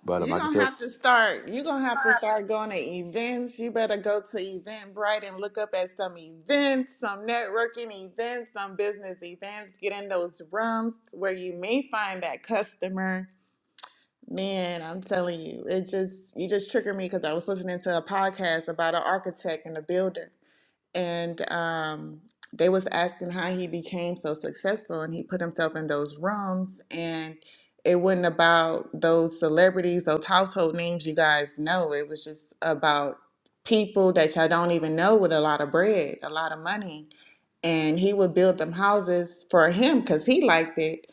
Speaker 5: but um,
Speaker 1: You're
Speaker 5: like I
Speaker 1: gonna
Speaker 5: said.
Speaker 1: have to start. You're gonna have to start going to events. You better go to Eventbrite and look up at some events, some networking events, some business events. Get in those rooms where you may find that customer. Man, I'm telling you, it just you just triggered me because I was listening to a podcast about an architect and a builder. and um, they was asking how he became so successful and he put himself in those rooms and it wasn't about those celebrities those household names you guys know it was just about people that y'all don't even know with a lot of bread a lot of money and he would build them houses for him because he liked it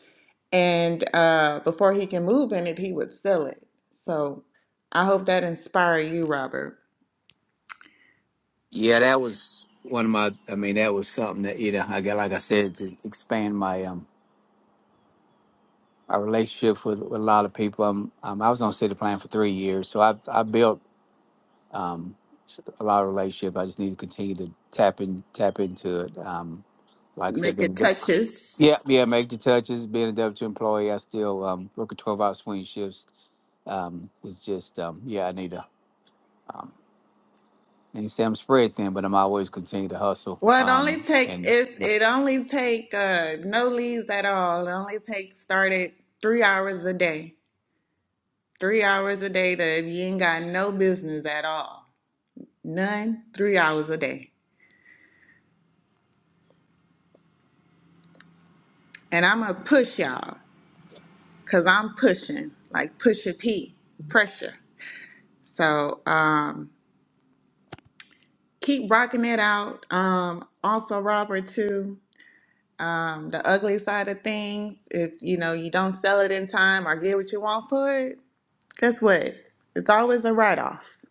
Speaker 1: and uh, before he can move in it he would sell it so i hope that inspire you robert
Speaker 5: Yeah, that was one of my. I mean, that was something that you know. I got like I said to expand my um my relationships with, with a lot of people. Um, um, I was on city plan for three years, so I've I built a lot of relationship. I just need to continue to tap in, tap into it. Um, like I said,
Speaker 1: make it
Speaker 5: been a-
Speaker 1: touches
Speaker 5: yeah, yeah, make the touches. Being a W two employee, I still um, work a twelve hour swing shifts. Um, it's just um, yeah, I need to. And you say I'm spread thin, but I'm always continue to hustle.
Speaker 1: Well, it only
Speaker 5: Um,
Speaker 1: take
Speaker 5: and
Speaker 1: it. It only take uh, no leaves at all. It only take started three hours a day. Three hours a day to you ain't got no business at all. None. Three hours a day. And I'm gonna push y'all because I'm pushing like push a P pressure. So um, keep rocking it out. Um, also, Robert too. Um, the ugly side of things. If you know you don't sell it in time or get what you want for it Guess what? It's always a write off.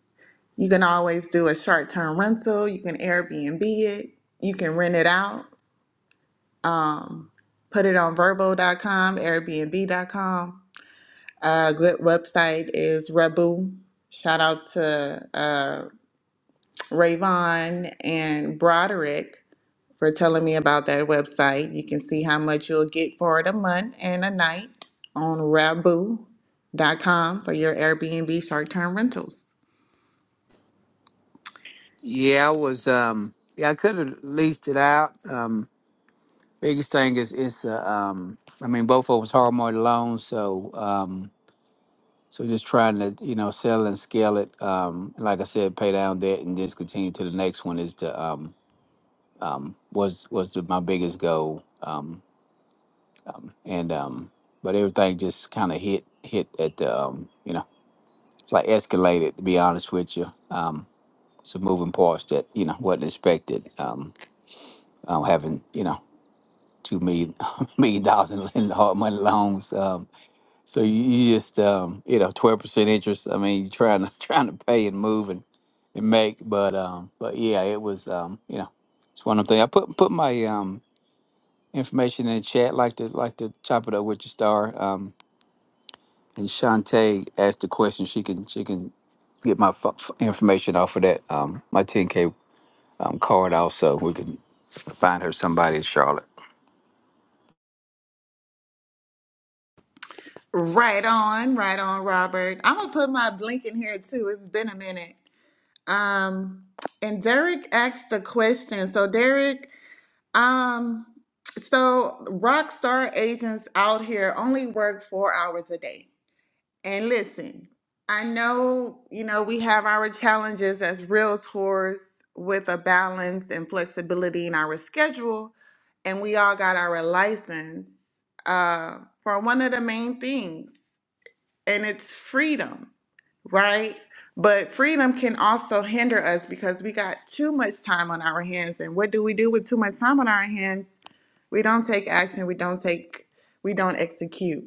Speaker 1: You can always do a short term rental. You can Airbnb it. You can rent it out. Um, put it on verbo.com, airbnb.com. A good website is Rebu. Shout out to uh, Rayvon and Broderick for telling me about that website. You can see how much you'll get for it a month and a night on Rabu.com for your Airbnb short term rentals.
Speaker 5: yeah, I was um, yeah, I could have leased it out. Um, Biggest thing is it's uh, um I mean both of us hard money loans, so um so just trying to, you know, sell and scale it. Um like I said, pay down debt and just continue to the next one is to um um was was the, my biggest goal. Um, um and um but everything just kinda hit hit at the um, you know, it's like escalated to be honest with you. Um some moving parts that, you know, wasn't expected. Um, um having, you know, two million million dollars in, in hard money loans. Um So you, you just um, you know twelve percent interest. I mean, you're trying to trying to pay and move and, and make, but um, but yeah, it was um, you know, it's one of them things. I put put my um information in the chat. Like to like to chop it up with your star. Um, and Shantae asked the question. She can she can get my f- f- information off of that um my ten k um card also. We can find her somebody in Charlotte.
Speaker 1: Right on, right on, Robert. I'm gonna put my blink in here too. It's been a minute. Um, and Derek asked the question. So Derek, um, so rock star agents out here only work four hours a day. And listen, I know you know we have our challenges as realtors with a balance and flexibility in our schedule, and we all got our license uh, for one of the main things and it's freedom, right? But freedom can also hinder us because we got too much time on our hands. And what do we do with too much time on our hands? We don't take action, we don't take, we don't execute,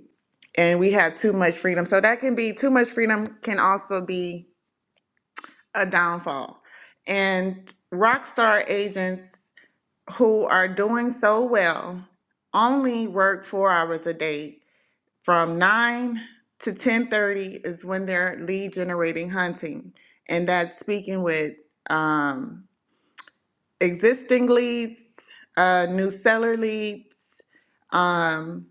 Speaker 1: and we have too much freedom. So that can be too much freedom, can also be a downfall. And rock star agents who are doing so well only work four hours a day from 9 to 10.30 is when they're lead generating hunting and that's speaking with um, existing leads uh, new seller leads um,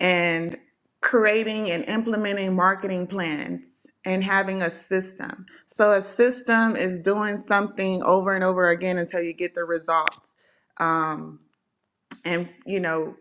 Speaker 1: and creating and implementing marketing plans and having a system so a system is doing something over and over again until you get the results um, and you know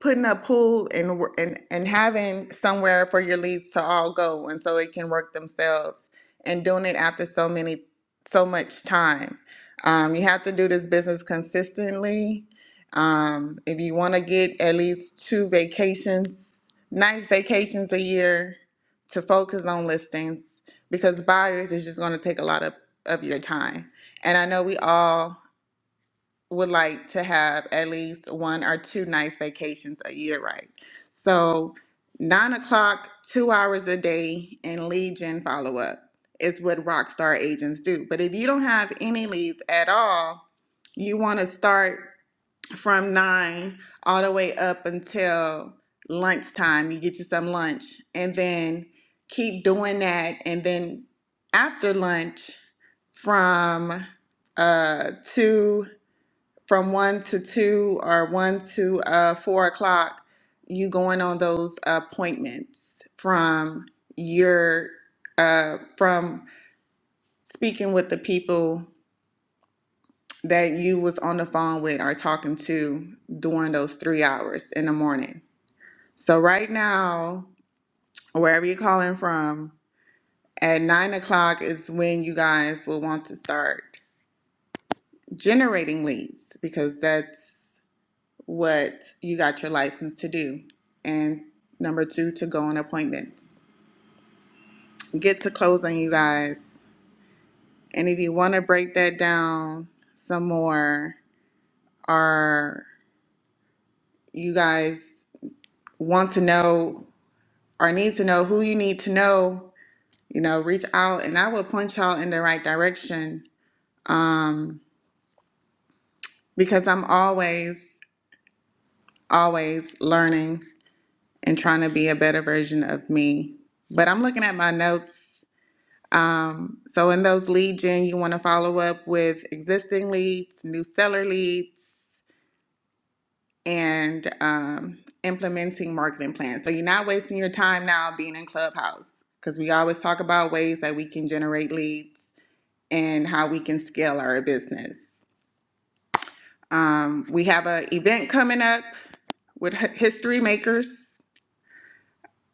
Speaker 1: putting a pool and wor- and and having somewhere for your leads to all go and so it can work themselves and doing it after so many so much time um, you have to do this business consistently um, if you want to get at least two vacations nice vacations a year to focus on listings because buyers is just going to take a lot of, of your time and i know we all would like to have at least one or two nice vacations a year, right? So, nine o'clock, two hours a day, and lead gen follow up is what Rockstar agents do. But if you don't have any leads at all, you want to start from nine all the way up until lunchtime. You get you some lunch and then keep doing that. And then after lunch, from uh, two from one to two or one to uh, four o'clock, you going on those appointments from your uh, from speaking with the people that you was on the phone with or talking to during those three hours in the morning. So right now, wherever you're calling from, at nine o'clock is when you guys will want to start generating leads because that's what you got your license to do. And number two, to go on appointments. Get to closing, you guys. And if you want to break that down some more, or you guys want to know or need to know who you need to know, you know, reach out and I will point y'all in the right direction um, because I'm always, always learning and trying to be a better version of me. But I'm looking at my notes Um, so in those lead gen, you want to follow up with existing leads, new seller leads, and um, implementing marketing plans. So you're not wasting your time now being in Clubhouse because we always talk about ways that we can generate leads and how we can scale our business. Um, we have an event coming up with Hi- History Makers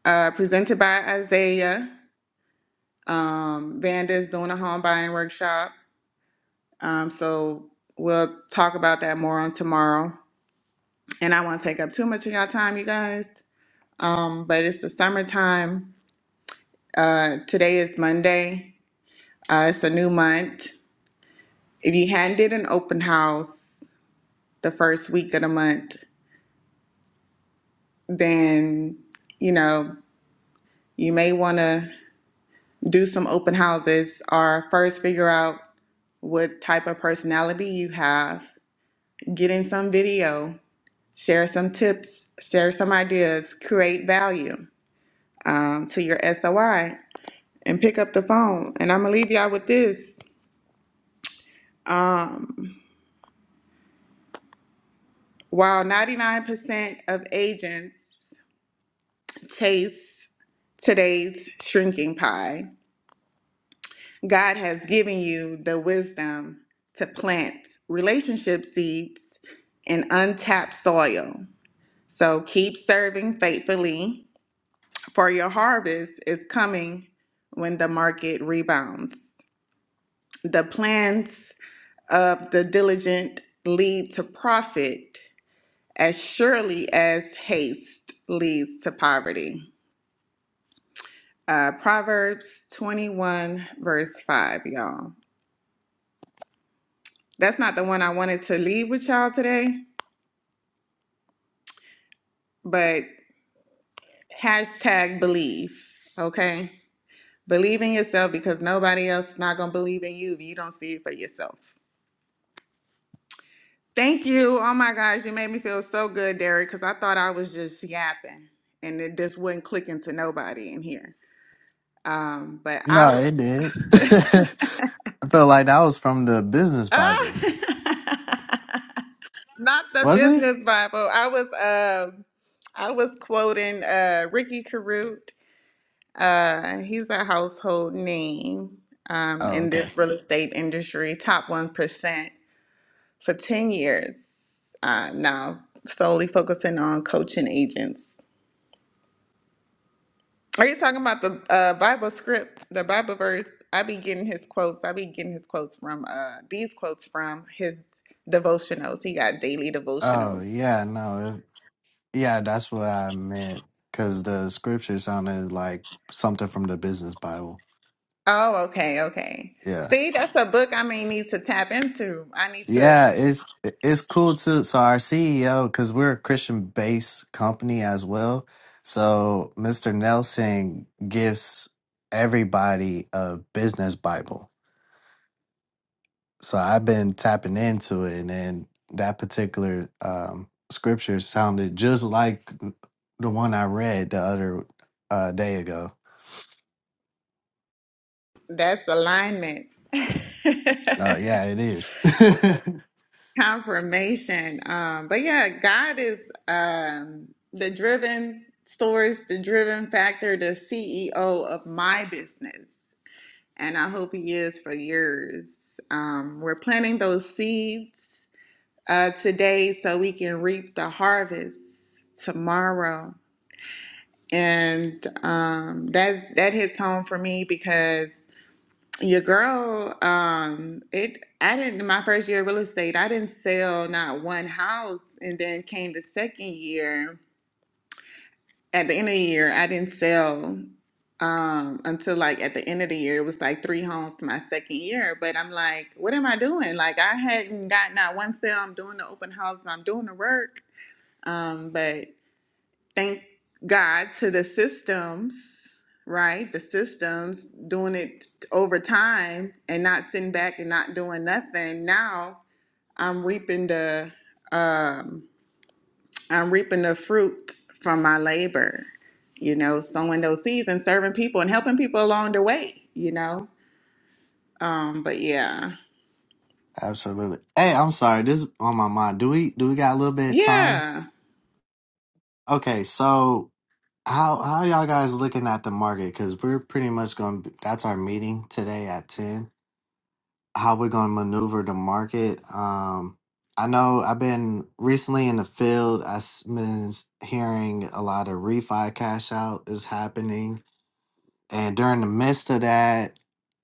Speaker 1: uh, presented by Isaiah. Um, Vanda's doing a home buying workshop. Um, so we'll talk about that more on tomorrow. And I won't take up too much of y'all time, you guys. Um, but it's the summertime. Uh, today is Monday. Uh, it's a new month. If you hadn't did an open house the first week of the month, then you know you may want to do some open houses or first figure out what type of personality you have. Get in some video share some tips, share some ideas, create value um, to your SOI, and pick up the phone. And I'm gonna leave y'all with this. Um, while 99% of agents chase today's shrinking pie, God has given you the wisdom to plant relationship seeds in untapped soil. So keep serving faithfully, for your harvest is coming when the market rebounds. The plans of the diligent lead to profit as surely as haste leads to poverty. Uh, Proverbs 21, verse 5, y'all. That's not the one I wanted to leave with y'all today, but hashtag believe, okay? Believe in yourself because nobody else is not going to believe in you if you don't see it for yourself. Thank you. Oh my gosh, you made me feel so good, Derek, because I thought I was just yapping and it just wasn't clicking to nobody in here. Um, but I
Speaker 4: No,
Speaker 1: was
Speaker 4: it did. I felt like that was from the business Bible.
Speaker 1: Ah! not the
Speaker 4: Was it?
Speaker 1: business Bible. I was uh, I was quoting uh, Ricky Carute. Uh, he's a household name um,
Speaker 4: Oh,
Speaker 1: in
Speaker 4: okay.
Speaker 1: this real estate industry, top one percent for ten years uh, now, solely focusing on coaching agents. Are you talking about the uh, Bible script, the Bible verse? I be getting his quotes. I be getting his quotes from uh, these quotes from his devotionals. He got daily
Speaker 4: Oh,
Speaker 1: devotionals.
Speaker 4: yeah, no. It, yeah, that's what I meant. Because the scripture sounded like something from the business Bible.
Speaker 1: Oh, okay, okay.
Speaker 4: Yeah.
Speaker 1: See, that's a book I may need to tap into. I need to.
Speaker 4: Yeah, it's it's cool too. So our CEO, because we're a Christian-based company as well, so Mr. Nelson gives everybody a business Bible. So I've been tapping into it, and then that particular um, scripture sounded just like the one I read the other uh, day ago.
Speaker 1: That's alignment,
Speaker 4: Uh, yeah, it is.
Speaker 1: confirmation. Um, but yeah, God is um, the driven source, the driven factor, the CEO of my business. and I hope He is for yours. Um, we're planting those seeds uh, today so we can reap the harvest tomorrow. And um, that that hits home for me because your girl, um, it I didn't my first year of real estate, I didn't sell not one house, and then came the second year. at the end of the year, I didn't sell um until like at the end of the year. It was like three homes to my second year. But I'm like, what am I doing? Like I hadn't gotten out one sale. I'm doing the open houses. I'm doing the work. Um, but thank God to the systems, right? The systems doing it over time and not sitting back and not doing nothing. Now I'm reaping the um I'm reaping the fruit from my labor, you know, sowing those seeds and serving people and helping people along the way, you know. Um, but yeah.
Speaker 4: Absolutely. Hey, I'm sorry. This is on my mind. Do we do we got a little bit of time?
Speaker 1: Yeah.
Speaker 4: Okay, so How how y'all guys looking at the market? Because we're pretty much going. to That's our meeting today at ten. How we're going to maneuver the market? Um, I know I've been recently in the field. I've been s- hearing a lot of refi cash out is happening, and during the midst of that,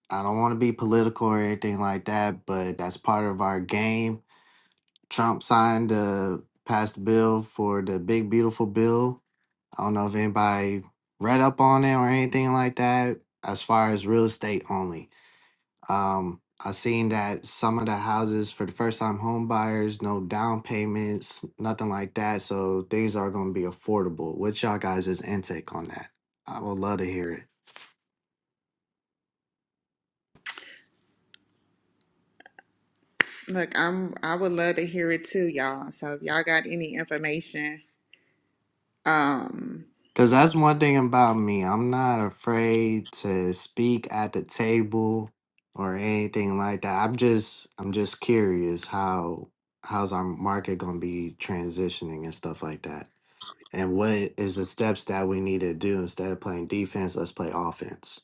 Speaker 4: I don't want to be political or anything like that, but that's part of our game. Trump signed the passed the bill for the big beautiful bill I don't know if anybody read up on it or anything like that as far as real estate only. Um, I seen that some of the houses for the first time home buyers, no down payments, nothing like that. So things are going to be affordable. What's y'all guys' intake on that? I would love to hear it.
Speaker 1: Look, I'm I would love to hear it too, y'all. So if y'all got any information, um,
Speaker 4: Because that's one thing about me. I'm not afraid to speak at the table or anything like that. I'm just I'm just curious how how's our market gonna be transitioning and stuff like that and what is the steps that we need to do instead of playing defense let's play offense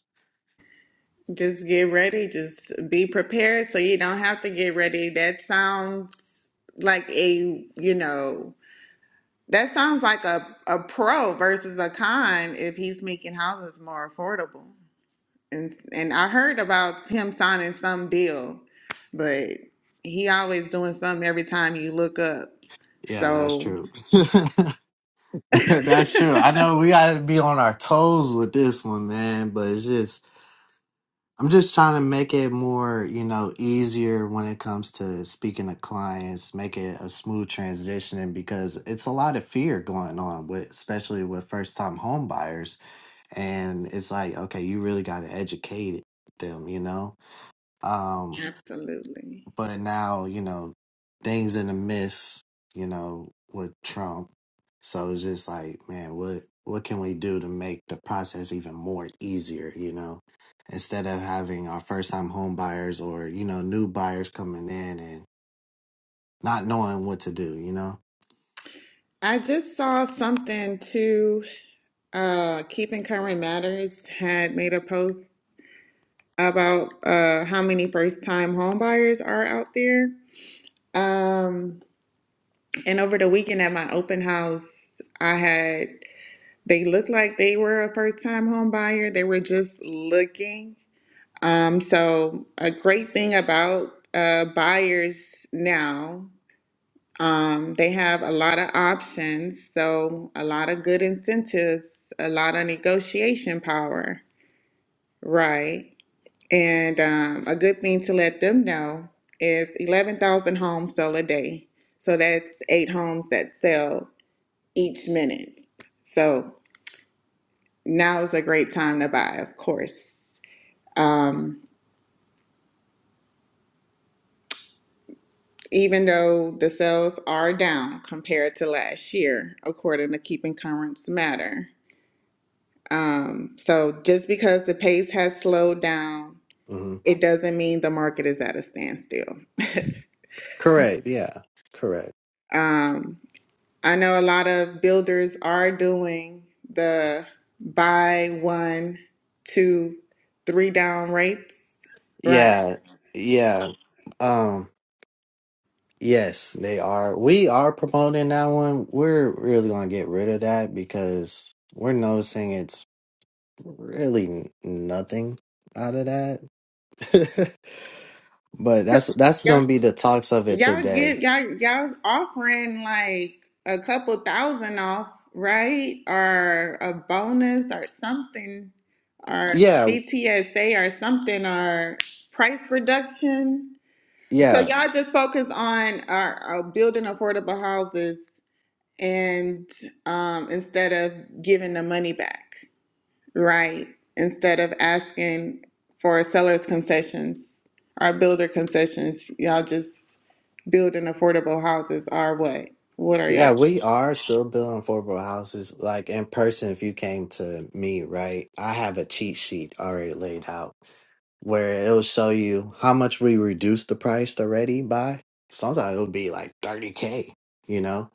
Speaker 1: just get ready, just be prepared so you don't have to get ready. That sounds like a, you know, that sounds like a, a pro versus a con if he's making houses more affordable. and and I heard about him signing some deal, but he always doing something every time you look up.
Speaker 4: yeah that's
Speaker 1: So
Speaker 4: true that's true i know we gotta be on our toes with this one man but it's just I'm just trying to make it more, you know, easier when it comes to speaking to clients, make it a smooth transition because it's a lot of fear going on with especially with first time home buyers. And it's like, okay, you really gotta educate them, you know? Um,
Speaker 1: absolutely.
Speaker 4: but now, you know, things in the midst, you know, with Trump. So it's just like, man, what what can we do to make the process even more easier, you know? Instead of having our first time home buyers or, you know, new buyers coming in and not knowing what to do, you know?
Speaker 1: I just saw something too. Uh, Keeping Current Matters had made a post about uh, how many first-time home buyers are out there. Um, and over the weekend at my open house, I had They looked like they were a first time home buyer. They were just looking. Um, so a great thing about uh, buyers now, um, they have a lot of options. So a lot of good incentives, a lot of negotiation power, right? And um, a good thing to let them know is 11,000 homes sell a day. So that's eight homes that sell each minute. So now is a great time to buy, of course. Um, even though the sales are down compared to last year, according to Keeping Currents Matter. Um, so just because the pace has slowed down,
Speaker 4: hmm
Speaker 1: it doesn't mean the market is at a standstill.
Speaker 4: Correct, yeah. Correct.
Speaker 1: Um, I know a lot of builders are doing the buy one, two, three down rates, right?
Speaker 4: Yeah. Yeah. Um, yes, they are. We are promoting that one. We're really gonna get rid of that because we're noticing it's really nothing out of that. but that's that's
Speaker 1: Yep.
Speaker 4: gonna be the talks of it
Speaker 1: Y'all
Speaker 4: today.
Speaker 1: get y'all y'all offering like a couple thousand off, right? Or a bonus or something, or
Speaker 4: Yeah,
Speaker 1: BTSA or something, or price reduction. So
Speaker 4: yeah,
Speaker 1: y'all just focus on uh, uh, building affordable houses and um, instead of giving the money back. Right. Instead of asking for seller's concessions or builder concessions, y'all just building affordable houses or what? What are y'all?
Speaker 4: yeah. We are still building affordable houses. Like in person, if you came to me, right, I have a cheat sheet already laid out where it'll show you how much we reduced the price already by. Sometimes it'll be like thirty k. You know,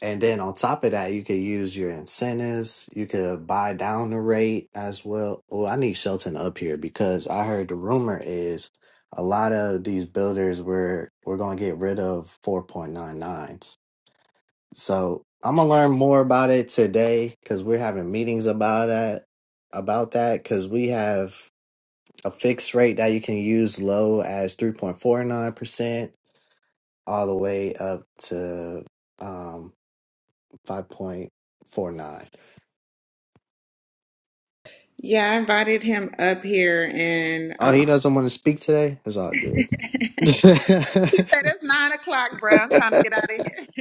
Speaker 4: And then on top of that, you could use your incentives. You could buy down the rate as well. Oh, I need Shelton up here because I heard the rumor is a lot of these builders were we're gonna get rid of 4.99s. So I'm gonna learn more about it today because we're having meetings about that about that because we have a fixed rate that you can use low as 3.49 percent all the way up to um 5.49
Speaker 1: Yeah, I invited him up here and
Speaker 4: Oh,
Speaker 1: uh,
Speaker 4: he doesn't want to speak today? It's all good.
Speaker 1: he said it's nine o'clock, bro. I'm trying to get out of here.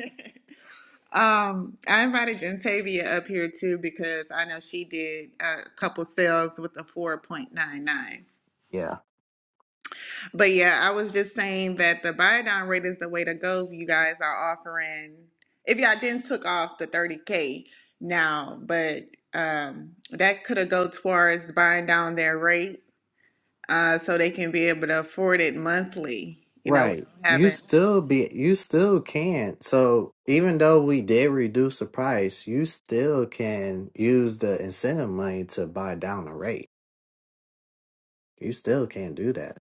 Speaker 1: um, I invited Gentavia up here too because I know she did a couple sales with the 4.99.
Speaker 4: yeah.
Speaker 1: But yeah, I was just saying that the buy down rate is the way to go. If you guys are offering, if y'all didn't took off the 30K now, but um, that could have go towards buying down their rate uh, so they can be able to afford it monthly, you know,
Speaker 4: Right.
Speaker 1: without
Speaker 4: You
Speaker 1: having,
Speaker 4: still be you still can. So even though we did reduce the price, you still can use the incentive money to buy down the rate. You still can do that.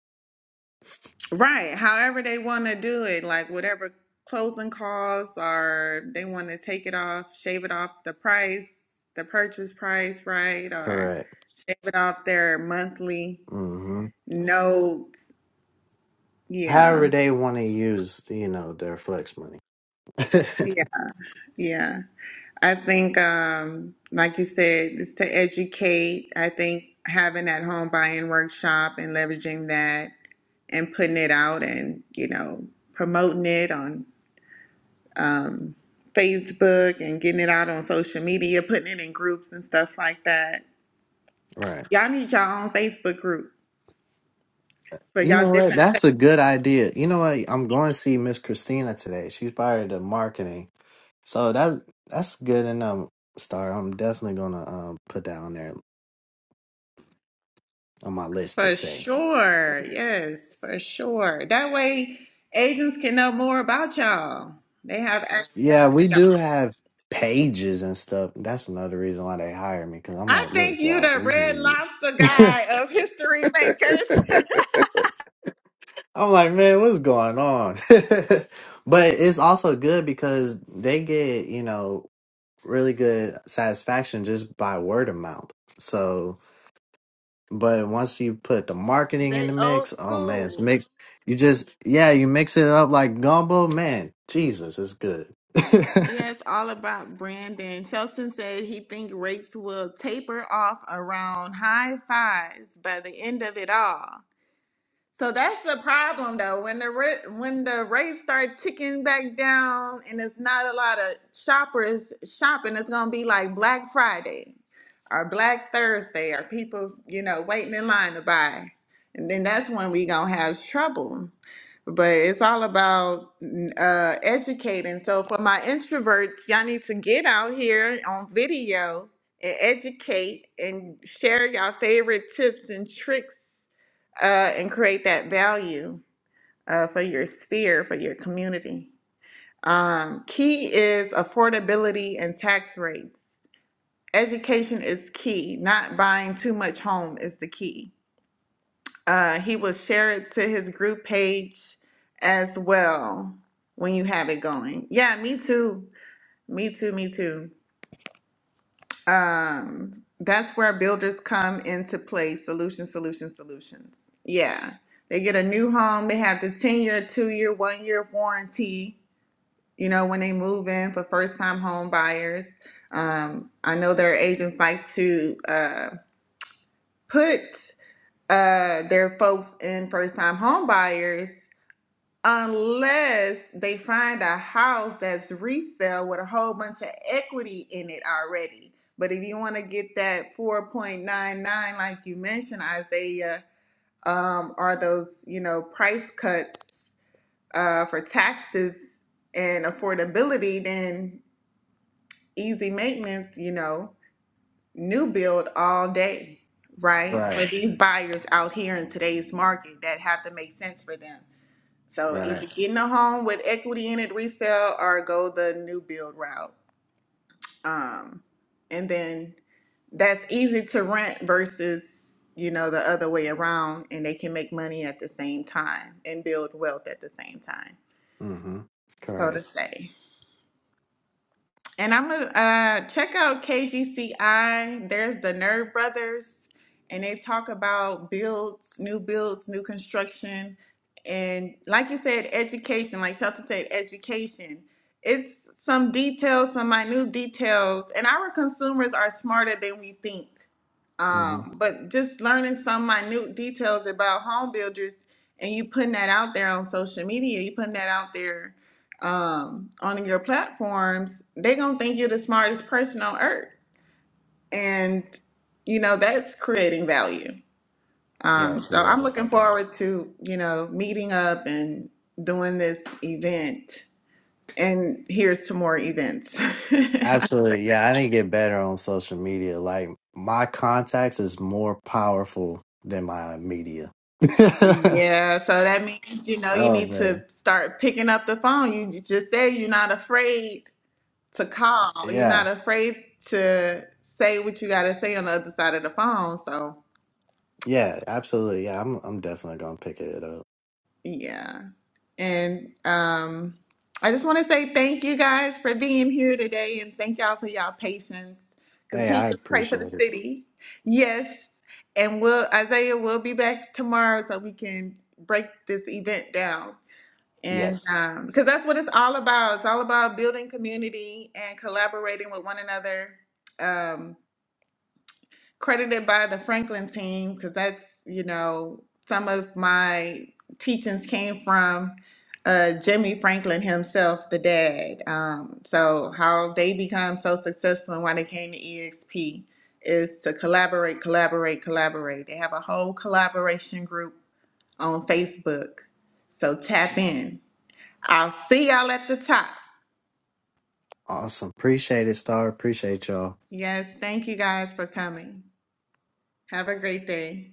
Speaker 1: right, however they want to do it, like whatever closing costs or they want to take it off, shave it off the price, the purchase price, right, or
Speaker 4: Correct.
Speaker 1: shave it off their monthly.
Speaker 4: hmm
Speaker 1: notes.
Speaker 4: However
Speaker 1: Yeah.
Speaker 4: they want to use, you know, their flex money.
Speaker 1: Yeah. Yeah. I think, um, like you said, it's to educate. I think having that home buying workshop and leveraging that and putting it out and, you know, promoting it on um, Facebook and getting it out on social media, putting it in groups and stuff like that.
Speaker 4: right.
Speaker 1: Y'all need y'all own Facebook group for
Speaker 4: You
Speaker 1: y'all
Speaker 4: know
Speaker 1: different
Speaker 4: what? That's a good idea. You know what? I'm going to see Miss Christina today. She's part of the marketing. So that that's good enough, Star. I'm definitely gonna um put that on there on my list to
Speaker 1: For
Speaker 4: say.
Speaker 1: sure. Yes, for sure. That way agents can know more about y'all. They have
Speaker 4: Yeah,
Speaker 1: access to
Speaker 4: we do
Speaker 1: y'all.
Speaker 4: have pages and stuff. That's another reason why they hire me because I'm
Speaker 1: I
Speaker 4: like,
Speaker 1: think
Speaker 4: look,
Speaker 1: you
Speaker 4: y'all,
Speaker 1: the
Speaker 4: we
Speaker 1: red
Speaker 4: need.
Speaker 1: lobster guy of history makers.
Speaker 4: I'm like, man, what's going on? but it's also good because they get you know really good satisfaction just by word of mouth. So But once you put the marketing in
Speaker 1: they
Speaker 4: the
Speaker 1: old
Speaker 4: mix, oh man, it's
Speaker 1: school.
Speaker 4: mixed. You just yeah, you mix it up like gumbo, man. Jesus, it's good.
Speaker 1: Yes, all about branding. Shelton said he think rates will taper off around high fives by the end of it all. So that's the problem, though. When the ra- when the rates start ticking back down, and it's not a lot of shoppers shopping, it's gonna be like Black Friday, or Black Thursday, or people you know waiting in line to buy, and then that's when we gonna have trouble. But it's all about mm, uh, educating. So for my introverts, y'all need to get out here on video and educate and share y'all favorite tips and tricks uh, and create that value uh, for your sphere, for your community. Um, key is affordability and tax rates. Education is key. Not buying too much home is the key. Uh, he will share it to his group page as well when you have it going. Yeah, me too. Me too. Me too. Um, that's where builders come into play. Solution, solution, solutions. Yeah. They get a new home. They have the 10 year, two year, one year warranty, you know, when they move in for first time home buyers. Um, I know their agents like to uh, put uh, their folks in first time home buyers unless they find a house that's resale with a whole bunch of equity in it already. But if you want to get that 4.99, like you mentioned, Isaiah, um, are those, you know, price cuts uh, for taxes and affordability, then easy maintenance, you know, new build all day, right? For
Speaker 4: right,
Speaker 1: these buyers out here in today's market that have to make sense for them. So
Speaker 4: right.
Speaker 1: either getting a home with equity in it resale or go the new build route. Um, and then that's easy to rent versus, you know, the other way around and they can make money at the same time and build wealth at the same time,
Speaker 4: Mm-hmm.
Speaker 1: so to
Speaker 4: Correct.
Speaker 1: say. And I'm gonna uh, check out KGCI. There's the Nerd Brothers, and they talk about builds, new builds, new construction, and like you said, education. Like Shelton said, education. It's some details, some minute details, and our consumers are smarter than we think.
Speaker 4: Mm-hmm.
Speaker 1: Um, but just learning some minute details about home builders, and you putting that out there on social media, you putting that out there um, on your platforms, they gonna think you're the smartest person on earth, and you know that's creating value.
Speaker 4: Yeah,
Speaker 1: Um, so
Speaker 4: you're right
Speaker 1: I'm looking
Speaker 4: about that.
Speaker 1: forward to you know meeting up and doing this event. And here's to more events.
Speaker 4: Absolutely. Yeah, I need to get better on social media. Like my contacts is more powerful than my media. oh
Speaker 1: yeah, so that means you know you need to
Speaker 4: man.
Speaker 1: start picking up the phone. You j- just said you're not afraid to call. You're
Speaker 4: Yeah.
Speaker 1: not afraid to say what you got to say on the other side of the phone. So.
Speaker 4: Yeah, absolutely. Yeah, I'm I'm definitely gonna pick it up.
Speaker 1: Yeah. And um I just want to say thank you guys for being here today and thank y'all for y'all patience.
Speaker 4: Hey,
Speaker 1: Continue
Speaker 4: I
Speaker 1: to pray for the
Speaker 4: appreciate it.
Speaker 1: city. Yes. And we'll Isaiah will be back tomorrow so we can break this event down. And
Speaker 4: Yes.
Speaker 1: um because that's what it's all about. It's all about building community and collaborating with one another. Um credited by the Franklin team because that's, you know, some of my teachings came from uh, Jimmy Franklin himself, the dad. Um, so, how they become so successful and why they came to EXP is to collaborate, collaborate, collaborate. They have a whole collaboration group on Facebook. So, tap in. I'll see y'all at the top.
Speaker 4: Awesome. Appreciate it, Star. Appreciate y'all.
Speaker 1: Yes, thank you guys for coming. Have a great day.